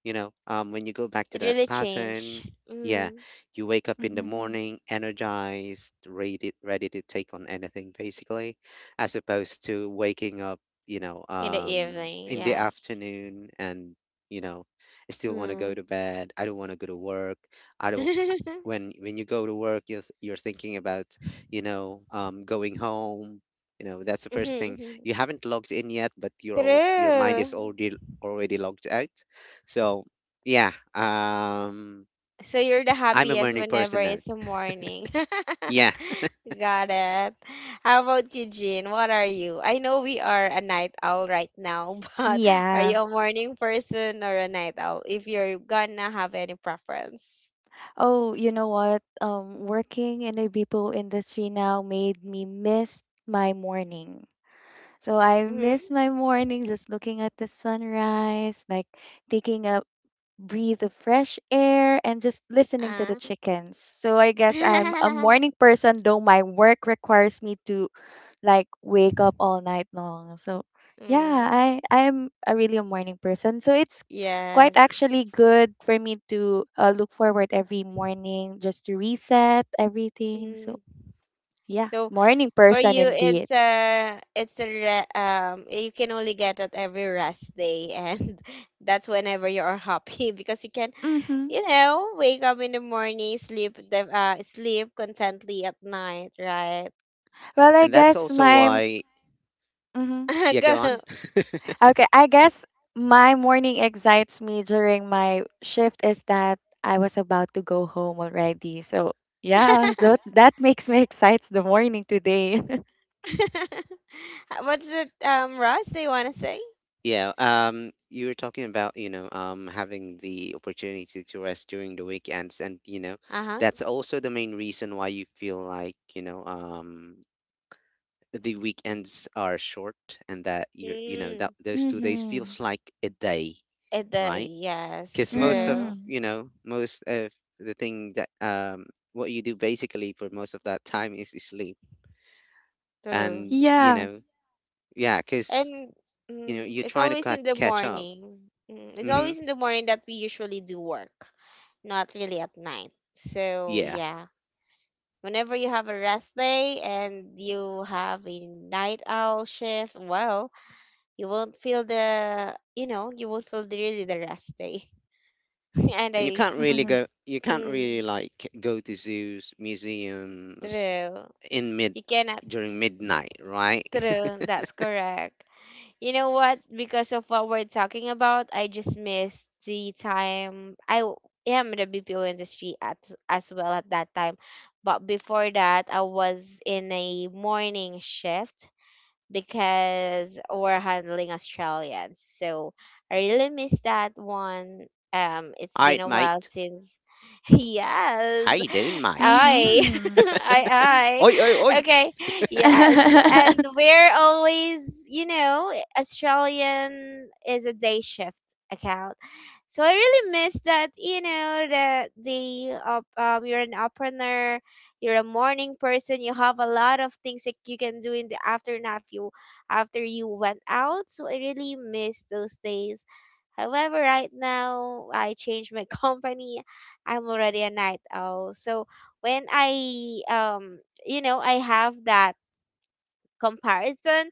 when you go back to
It
that
really
pattern,
changed.
yeah,
Mm,
you wake up in the
Mm-hmm.
morning energized, ready, to take on anything basically, as opposed to waking up,
in the evening,
in the
yes.
afternoon. And you know I still want to go to
Mm.
bed. I don't want to go to work. I don't. When you go to work, you're thinking about, going home. You know, that's the first thing.
Mhm.
You haven't logged in yet, but your mind
True.
is already logged out. So yeah,
So you're the
I'm a
happiest
morning
whenever
person now.
it's a morning.
Yeah.
Got it. How about you, Jean? What are you? I know we are a night owl right now, but are
Yeah.
you a morning person or a night owl? If you're gonna have any preference.
Oh, you know what? Working in the BPO industry now made me miss my morning. So I
Mm-hmm.
miss my morning, just looking at the sunrise, like taking a breathe the fresh air and just listening to the chickens. So I guess I'm a morning person, though my work requires me to like wake up all night long. So yeah,
Mm,
I'm a really a morning person. So it's quite actually
yes.
good for me to look forward every morning just to reset everything. So
Mm.
yeah,
So
morning
for
person
you,
indeed.
it's a, it's a re you can only get it every rest day, and that's whenever you are happy because you can,
Mhm.
wake up in the morning, sleep contently at night, right?
Well, I
And that's
guess
also
my.
why,
Mhm.
yeah, go
Go.
on.
Okay, I guess my morning excites me during my shift is that I was about to go home already. So, yeah, that that makes me excites the morning today.
What's it, Ross? Do you want to say?
Yeah, you were talking about, having the opportunity to rest during the weekends, and you know,
Uh-huh.
that's also the main reason why you feel like, the weekends are short, and that you know, that
Mm.
those 2 days
Mm-hmm.
feels like a day,
It,
right?
yes,
Because most of,
true,
Mm-hmm.
you know, most of the thing that what you do basically for most of that time is sleep.
true.
And you
Yeah.
know, yeah, because
And
you're
it's
trying to
always in the
catch up.
morning. It's
Hmm.
always in the morning that we usually do work, not really at night. So
Yeah.
yeah, whenever you have a rest day and you have a night owl shift, well, you won't feel the, really, the rest day. And
And you
I,
can't really
Mm-hmm.
go, you can't
mm,
really like go to zoos, museums,
true.
in mid
You cannot,
during midnight, right?
true. That's correct. You know what? Because of what we're talking about, I just missed the time I am in the BPO industry at as well at that time. But before that, I was in a morning shift because we're handling Australians. So I really miss that one. It's
All
been
right,
a while
mate.
since.
How
Yes,
you doing, mate?
I,
Mm-hmm.
I,
Oi, oi,
I.
oi!
Okay, yes, and we're always, Australian is a day shift account. So I really miss that, that the up you're an entrepreneur, you're a morning person, you have a lot of things that you can do in the afternoon after you went out. So I really miss those days. However, right now I changed my company. I'm already a night owl. So when I you know, I have that comparison.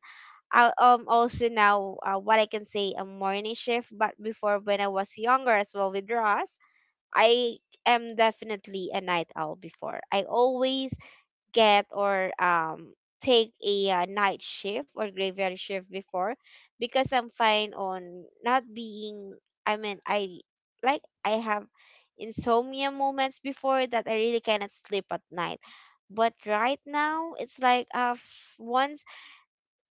I, also now, what I can say a morning shift, but before when I was younger as well with Ross, I am definitely a night owl before. I always get or take a, night shift or graveyard shift before because I'm fine on not being. I mean, I, like, I have insomnia moments before that I really cannot sleep at night. But right now it's like, once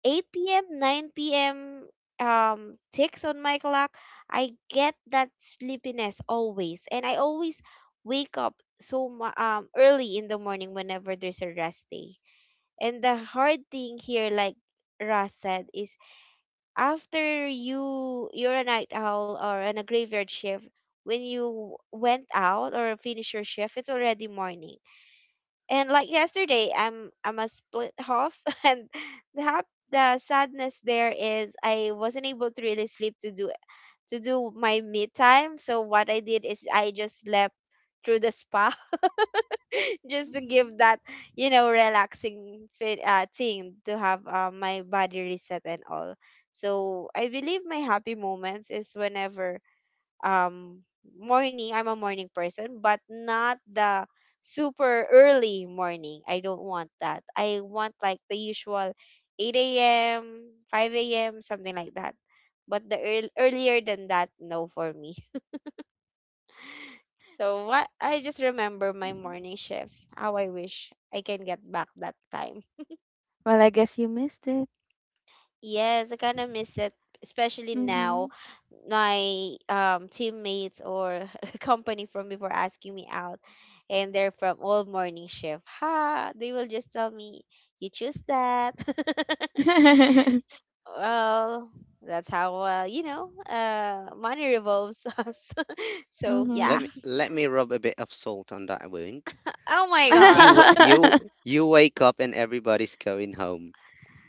8 p.m., 9 p.m. Ticks on my clock, I get that sleepiness always, and I always wake up so early in the morning whenever there's a rest day. And the hard thing here, like Ras said, is after you're a night owl or on a graveyard shift, when you went out or finish your shift, it's already morning. And, like, yesterday, I'm a split half. And the the sadness there is, I wasn't able to really sleep, to do my mid time. So what I did is I just slept through the spa. Just to give that, relaxing fit thing, to have, my body reset and all. So I believe my happy moments is whenever, um morning, I'm a morning person, but not the super early morning. I don't want that. I want, like, the usual 8 a.m, 5 a.m, something like that. But the, earlier than that, no, for me. So what, I just remember my morning shifts. How I wish I can get back that time.
Well, mm-hmm, I guess you missed it.
Yes, I kind of miss it, especially
Mm-hmm.
now. My, teammates or company from before asking me out, and they're from all morning shift. Ha! They will just tell me, you choose that. Well, that's how, money revolves us. So,
Let
yeah.
me
Mm-hmm.
rub a bit of salt on that wound.
Oh my
Y-
God.
You wa- you you wake up and everybody's going home.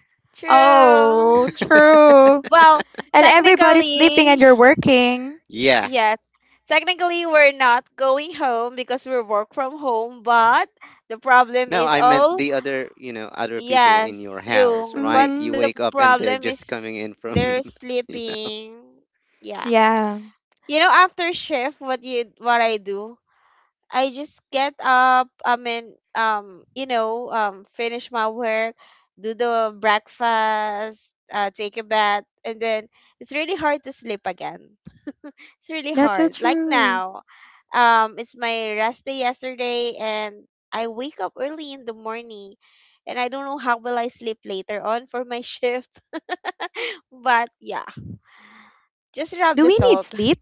Oh,
True.
true.
Well,
And everybody's sleeping and
technically.
you're working.
Yeah.
Yes. Technically, we're not going home because we work from home, but the problem
No,
is
I meant
all,
the other, you know, other people in
yes,
your house,
true.
right?
But
You
the
Mm-hmm.
wake up and
problem
they're
is
just coming in
they're
from, you know.
sleeping. Yeah.
Yeah,
You know, after shift, what you what I do? I just get up, finish my work, do the breakfast, take a bath, and then it's really hard to sleep again it's really
that's so
hard. Like
true.
now, it's my rest day yesterday, and I wake up early in the morning, and I don't know how will I sleep later on for my shift. But yeah, just rub
Do
the
we need
salt.
sleep?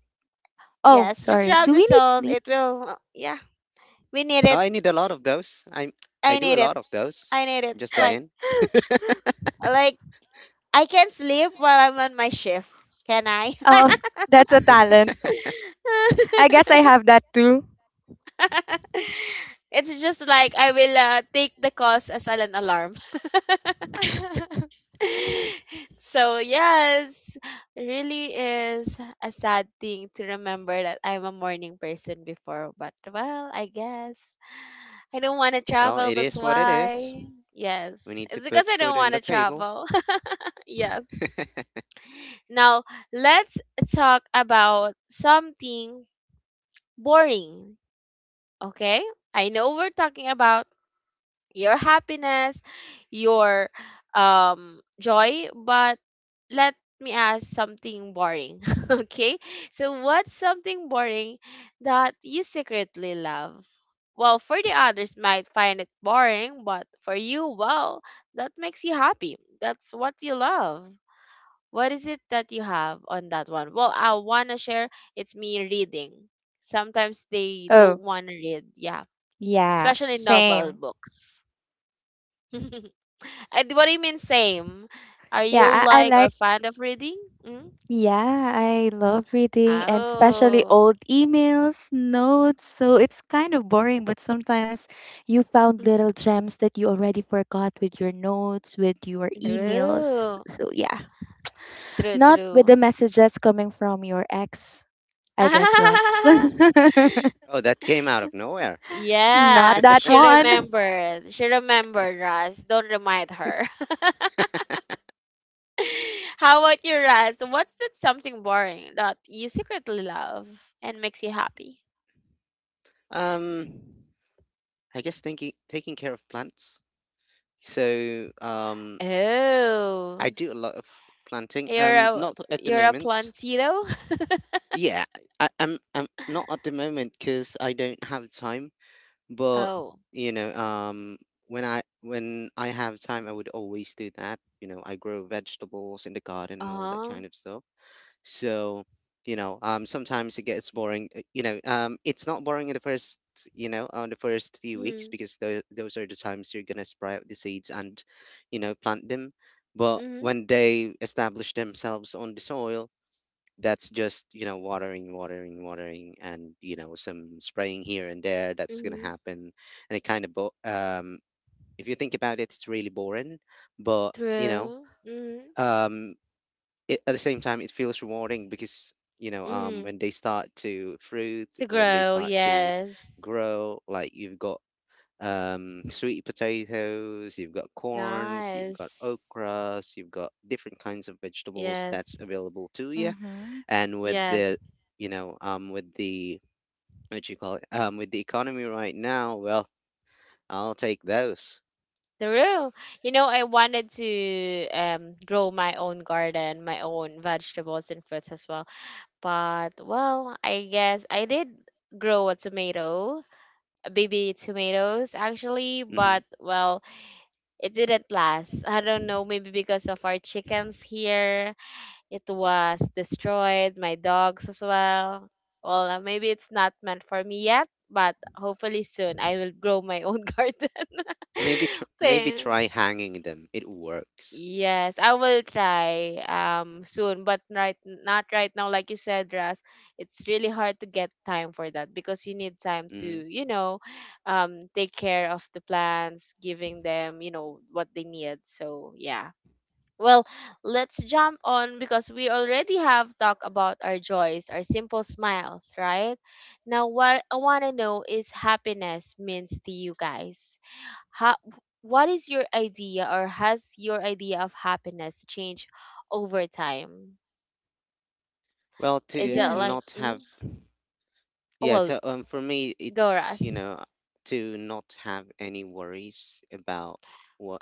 Oh,
Yes, just
sorry.
rub
Do
the
we need
salt.
sleep?
It will. Yeah, we need
Oh,
it.
I need a lot of those. I
I
do a
need it.
lot of those.
I need it.
Just saying.
Like I can sleep while I'm on my shift. Can I?
Oh, that's a talent. I guess I have that too.
it's just like I will take the calls as an alarm. So yes, really is a sad thing to remember that I'm a morning person before, but well, I guess I don't want to
Well,
travel.
it
That's
is what it is.
why.
We
Yes,
need to
it's because
put
I don't
food on
want
the
to
table.
travel. Yes. Now let's talk about something boring. Okay, I know we're talking about your happiness, your joy, but let me ask something boring. Okay? So what's something boring that you secretly love? Well, for the others might find it boring, but for you, well, that makes you happy. That's what you love. What is it that you have on that one? Well, I want to share it's me reading. Sometimes they don't
Oh,
want to read, yeah,
yeah,
especially novel
same.
books. And what do you mean same? Are you
Yeah, I
like or
like,
fond of reading? Mm?
yeah, I love reading and especially
Oh.
old emails, notes. So it's kind of boring, but sometimes you found
Mhm.
little gems that you already forgot with your notes, with your emails.
True.
So yeah.
True,
Not with
true.
the messages coming from your ex, I guess, Ross. Not
Oh, that came out of nowhere.
Yes,
that
she
one.
remembered. She remembered, Raz. Don't remind her. How about you, Raz? What's that something boring that you secretly love and makes you happy?
Um, I guess thinking taking care of plants. So I
Oh,
do a lot of planting.
you're a
Not at the
you're a
moment.
plantito?
Yeah, I, I'm not at the moment because I don't have time. But
Oh,
you know, um, when I have time, I would always do that. You know, I grow vegetables in the garden and all that
uh-huh.
kind of stuff. So, sometimes it gets boring. You know, it's not boring in the first, you know, on the first few weeks,
Hmm.
because those are the times you're gonna sprout the seeds and, you know, plant them. But
Mm-hmm.
when they establish themselves on the soil, that's just, you know, watering, watering, and you know, some spraying here and there. That's gonna
Mm-hmm.
happen, and it kind of if you think about it, it's really boring. But you know.
True. Mm-hmm.
Um, it, at the same time it feels rewarding because
Mm-hmm.
when they start to fruit,
To
when they
grow,
start to
yes.
grow, like, you've got sweet potatoes, you've got corns, you've got
Nice.
okras, you've got different kinds of vegetables
Yes.
that's available to you.
Mm-hmm.
And with
Yes.
the, with the, what you call it with the economy right now, well, I'll take those.
True. You know, I wanted to grow my own garden, my own vegetables and fruits as well. But well, I guess I did grow a tomato, a baby tomatoes actually,
Hmm.
but well, it didn't last. I don't know, maybe because of our chickens here It was destroyed, my dogs as well. Well, maybe it's not meant for me yet, but hopefully soon I will grow my own garden.
Maybe maybe
So
try hanging them, it works.
yes, I will try soon, but not right now like you said, Ras. It's really hard to get time for that because you need time to,
Mm-hmm.
you know, take care of the plants, giving them, you know, what they need. So, yeah. Well, let's jump on because we already have talked about our joys, our simple smiles, right? Now, what I want to know is happiness means to you guys. How, what is your idea or has your idea of happiness changed over time?
Well,
Is
to
it like,
not
mm,
have,
Yes.
oh,
yeah,
well,
so for me,
go
it's,
Ras.
you know, to not have any worries about what,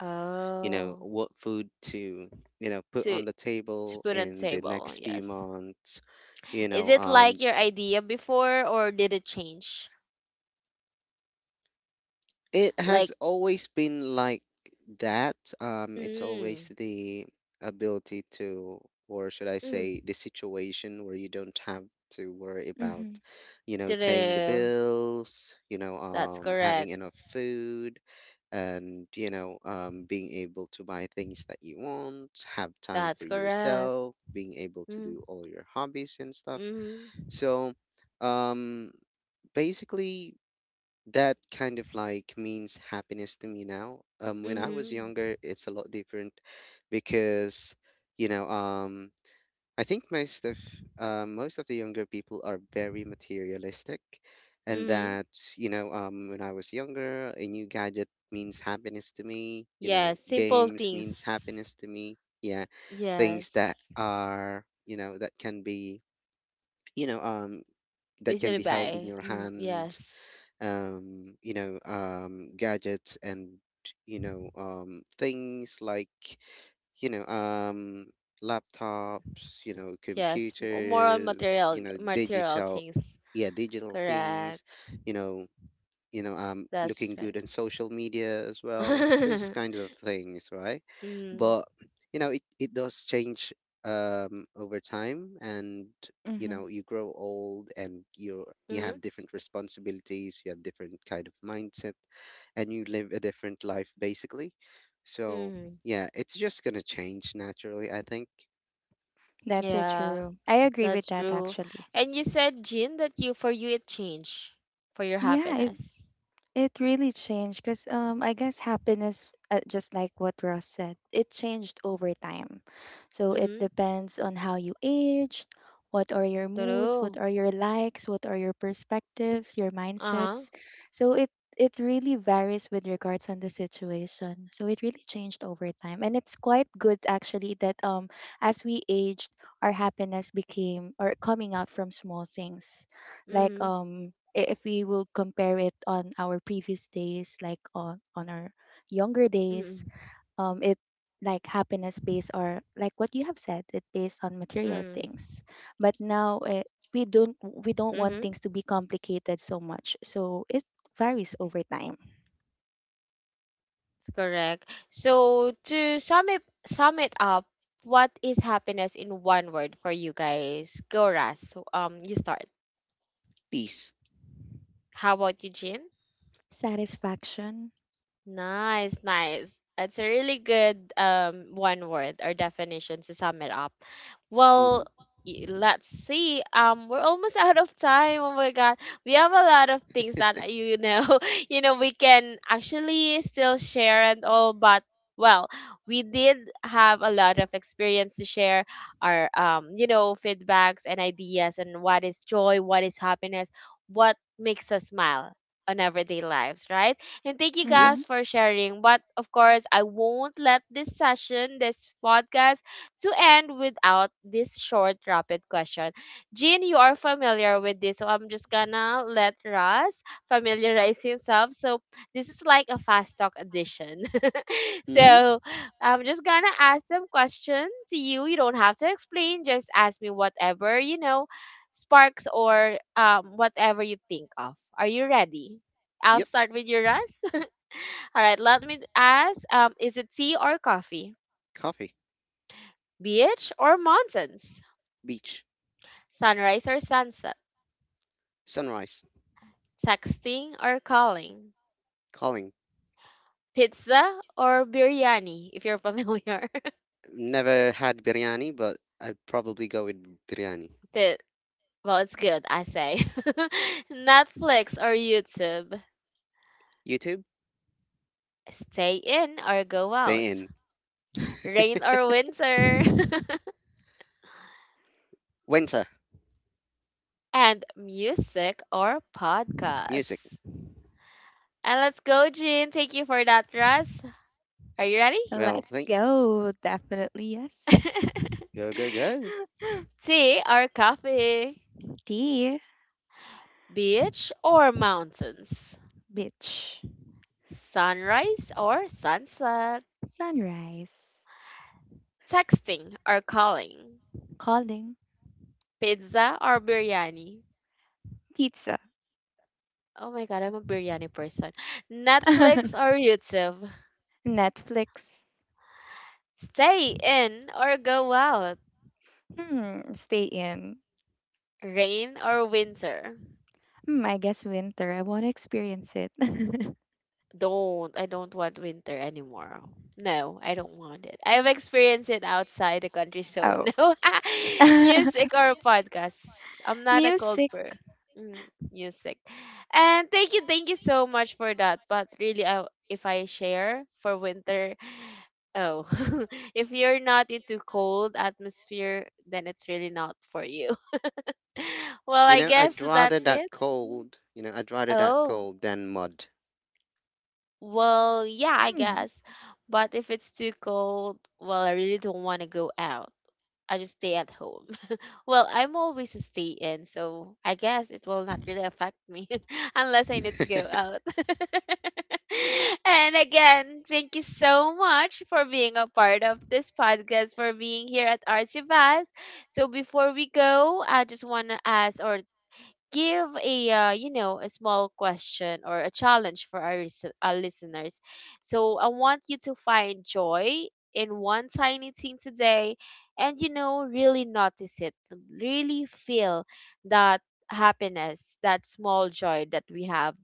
you know,
Oh,
what food to, you know, put
to,
on the
to
table
put on
in the
table,
next few
yes.
months, you
Is
know,
it
um,
like your idea before or did it change?
it has
Like,
always been like that. It's always
mm,
the ability to, or should I
mm,
say, the situation where you don't have to worry about,
Mm-hmm.
you know, paying the
true.
bills,
That's
having
correct.
enough food, and you know, being able to buy things that you want, have time
That's
for
correct.
yourself, being able to
Mm,
do all your hobbies and stuff.
mhm.
So, um, basically that kind of like means happiness to me now. When I was
Mhm.
younger, it's a lot different because, you know, um, I think most of the younger people are very materialistic, and
Mhm.
that, when I was younger, a new gadget means happiness to me. You know,
Yes, simple
games means
things.
happiness to me. Yeah, things that
Yes.
are, you know, that can be, you know, that can
Easily
be held in
buy.
your
Mm,
hand,
yes.
gadgets and, things like, you know, um, laptops, you know,
Yes, more on
computers,
material
you know,
material
digital,
things.
yeah, digital
Correct.
things, you know,
That's
looking good
right.
on social media as well. Those kinds of things, right?
Mhm.
But you know, it does change over time, and you
Mm-hmm.
know, you grow old, and you
Mhm.
have different responsibilities, you have different kind of mindset, and you live a different life basically. So
Mhm.
yeah, it's just gonna change naturally, I think.
That's so
Yeah,
true. I agree with
that's
that,
true.
actually.
And you said, Jin, that you for you it changed for your
Yeah,
happiness.
it really changed because I guess happiness, just like what Ross said, it changed over time. So it
Mhm.
depends on how you aged, what are your moods, what
True.
are your likes, what are your perspectives, your
Uh-huh.
mindsets. So it really varies with regards on the situation. So it really changed over time, and it's quite good actually that as we aged, our happiness became or coming out from small things, like
Mhm,
if we will compare it on our previous days, like on our younger days,
mm,
it like happiness based or like what you have said it based on material
mm,
things, but now we don't want
mhm.
things to be complicated so much, so it varies over time.
It's correct. So to sum it up, what is happiness in one word for you guys? Go Ras. So, um, you start.
Peace.
How about Eugene?
Satisfaction.
Nice, nice. That's a really good one word or definition to sum it up.
Hmm.
Well, let's see. We're almost out of time. Oh my god, we have a lot of things that we can actually still share and all. But well, we did have a lot of experience to share our you know, feedbacks and ideas and what is joy, what is happiness, what makes us smile on everyday lives, right? And thank you
Yep.
Mm-hmm.
guys for sharing. But of course, I won't let this session, this podcast, to end without this short rapid question. Jean, you are familiar with this, so I'm just gonna let Russ familiarize himself. So this is like a fast talk edition.
Hmm.
So I'm just gonna ask them question to you. You don't have to explain. Just ask me whatever you know, sparks or whatever you think of. Are you ready? I'll
Yep.
start with you, Russ. All right, let me ask is it tea or coffee?
Coffee,
Beach or mountains?
beach.
Sunrise or sunset?
Sunrise.
Texting or calling?
Calling.
Pizza or biryani, if you're familiar?
Never had biryani, but I'd probably go with biryani.
Pi- well, it's good, I say. Netflix or YouTube?
YouTube.
Stay in or go
Stay
out?
in.
Rain or winter?
Winter.
And music or
Music.
podcasts? And let's go, Jean. Thank you for that, Russ. Are you ready?
Well,
Let's
think.
go, definitely, yes.
Go, go, go.
Tea or coffee?
Tea.
Beach or mountains?
Beach.
Sunrise or sunset?
Sunrise.
Texting or calling?
Calling.
Pizza or biryani?
Pizza.
Oh my god, I'm a biryani person. Netflix or YouTube?
Netflix.
Stay in or go out?
Hmm, stay in.
Rain or winter?
Hmm, I guess winter. I want to experience it.
Don't. I don't want winter anymore. No, I don't want it. I've experienced it outside the country, so
Oh.
no music or podcasts. I'm not a cold
Music.
per mm, music. And thank you so much for that. But really, I, if I share for winter, oh, if you're not into cold atmosphere, then it's really not for you. Well,
You
I
know,
guess
I'd rather
that's
that
it. Mm.
cold. You know, I'd rather that
Oh,
cold than mud.
well, yeah, I
Hmm.
guess. But if it's too cold, well, I really don't want to go out. I just stay at home. Well, I'm always a stay in, so I guess it will not really affect me unless I need to go out. And again, thank you so much for being a part of this podcast, for being here at RC Vibes. So before we go, I just want to ask or give a you know a small question or a challenge for our, our listeners, so I want you to find joy in one tiny thing today, and you know really notice it, really feel that happiness, that small joy that we have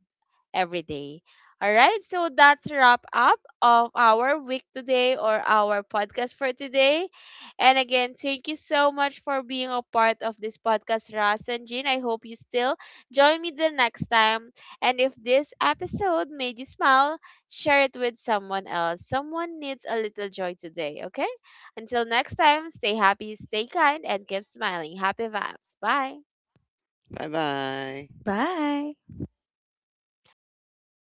every day. All right, so that's a wrap up of our week today or our podcast for today. And again, thank you so much for being a part of this podcast, Ras and Jean. I hope you still join me the next time. And if this episode made you smile, share it with someone else. Someone needs a little joy today, okay? Until next time, stay happy, stay kind, and keep smiling. Happy vibes. Bye.
Bye bye.
Bye.
All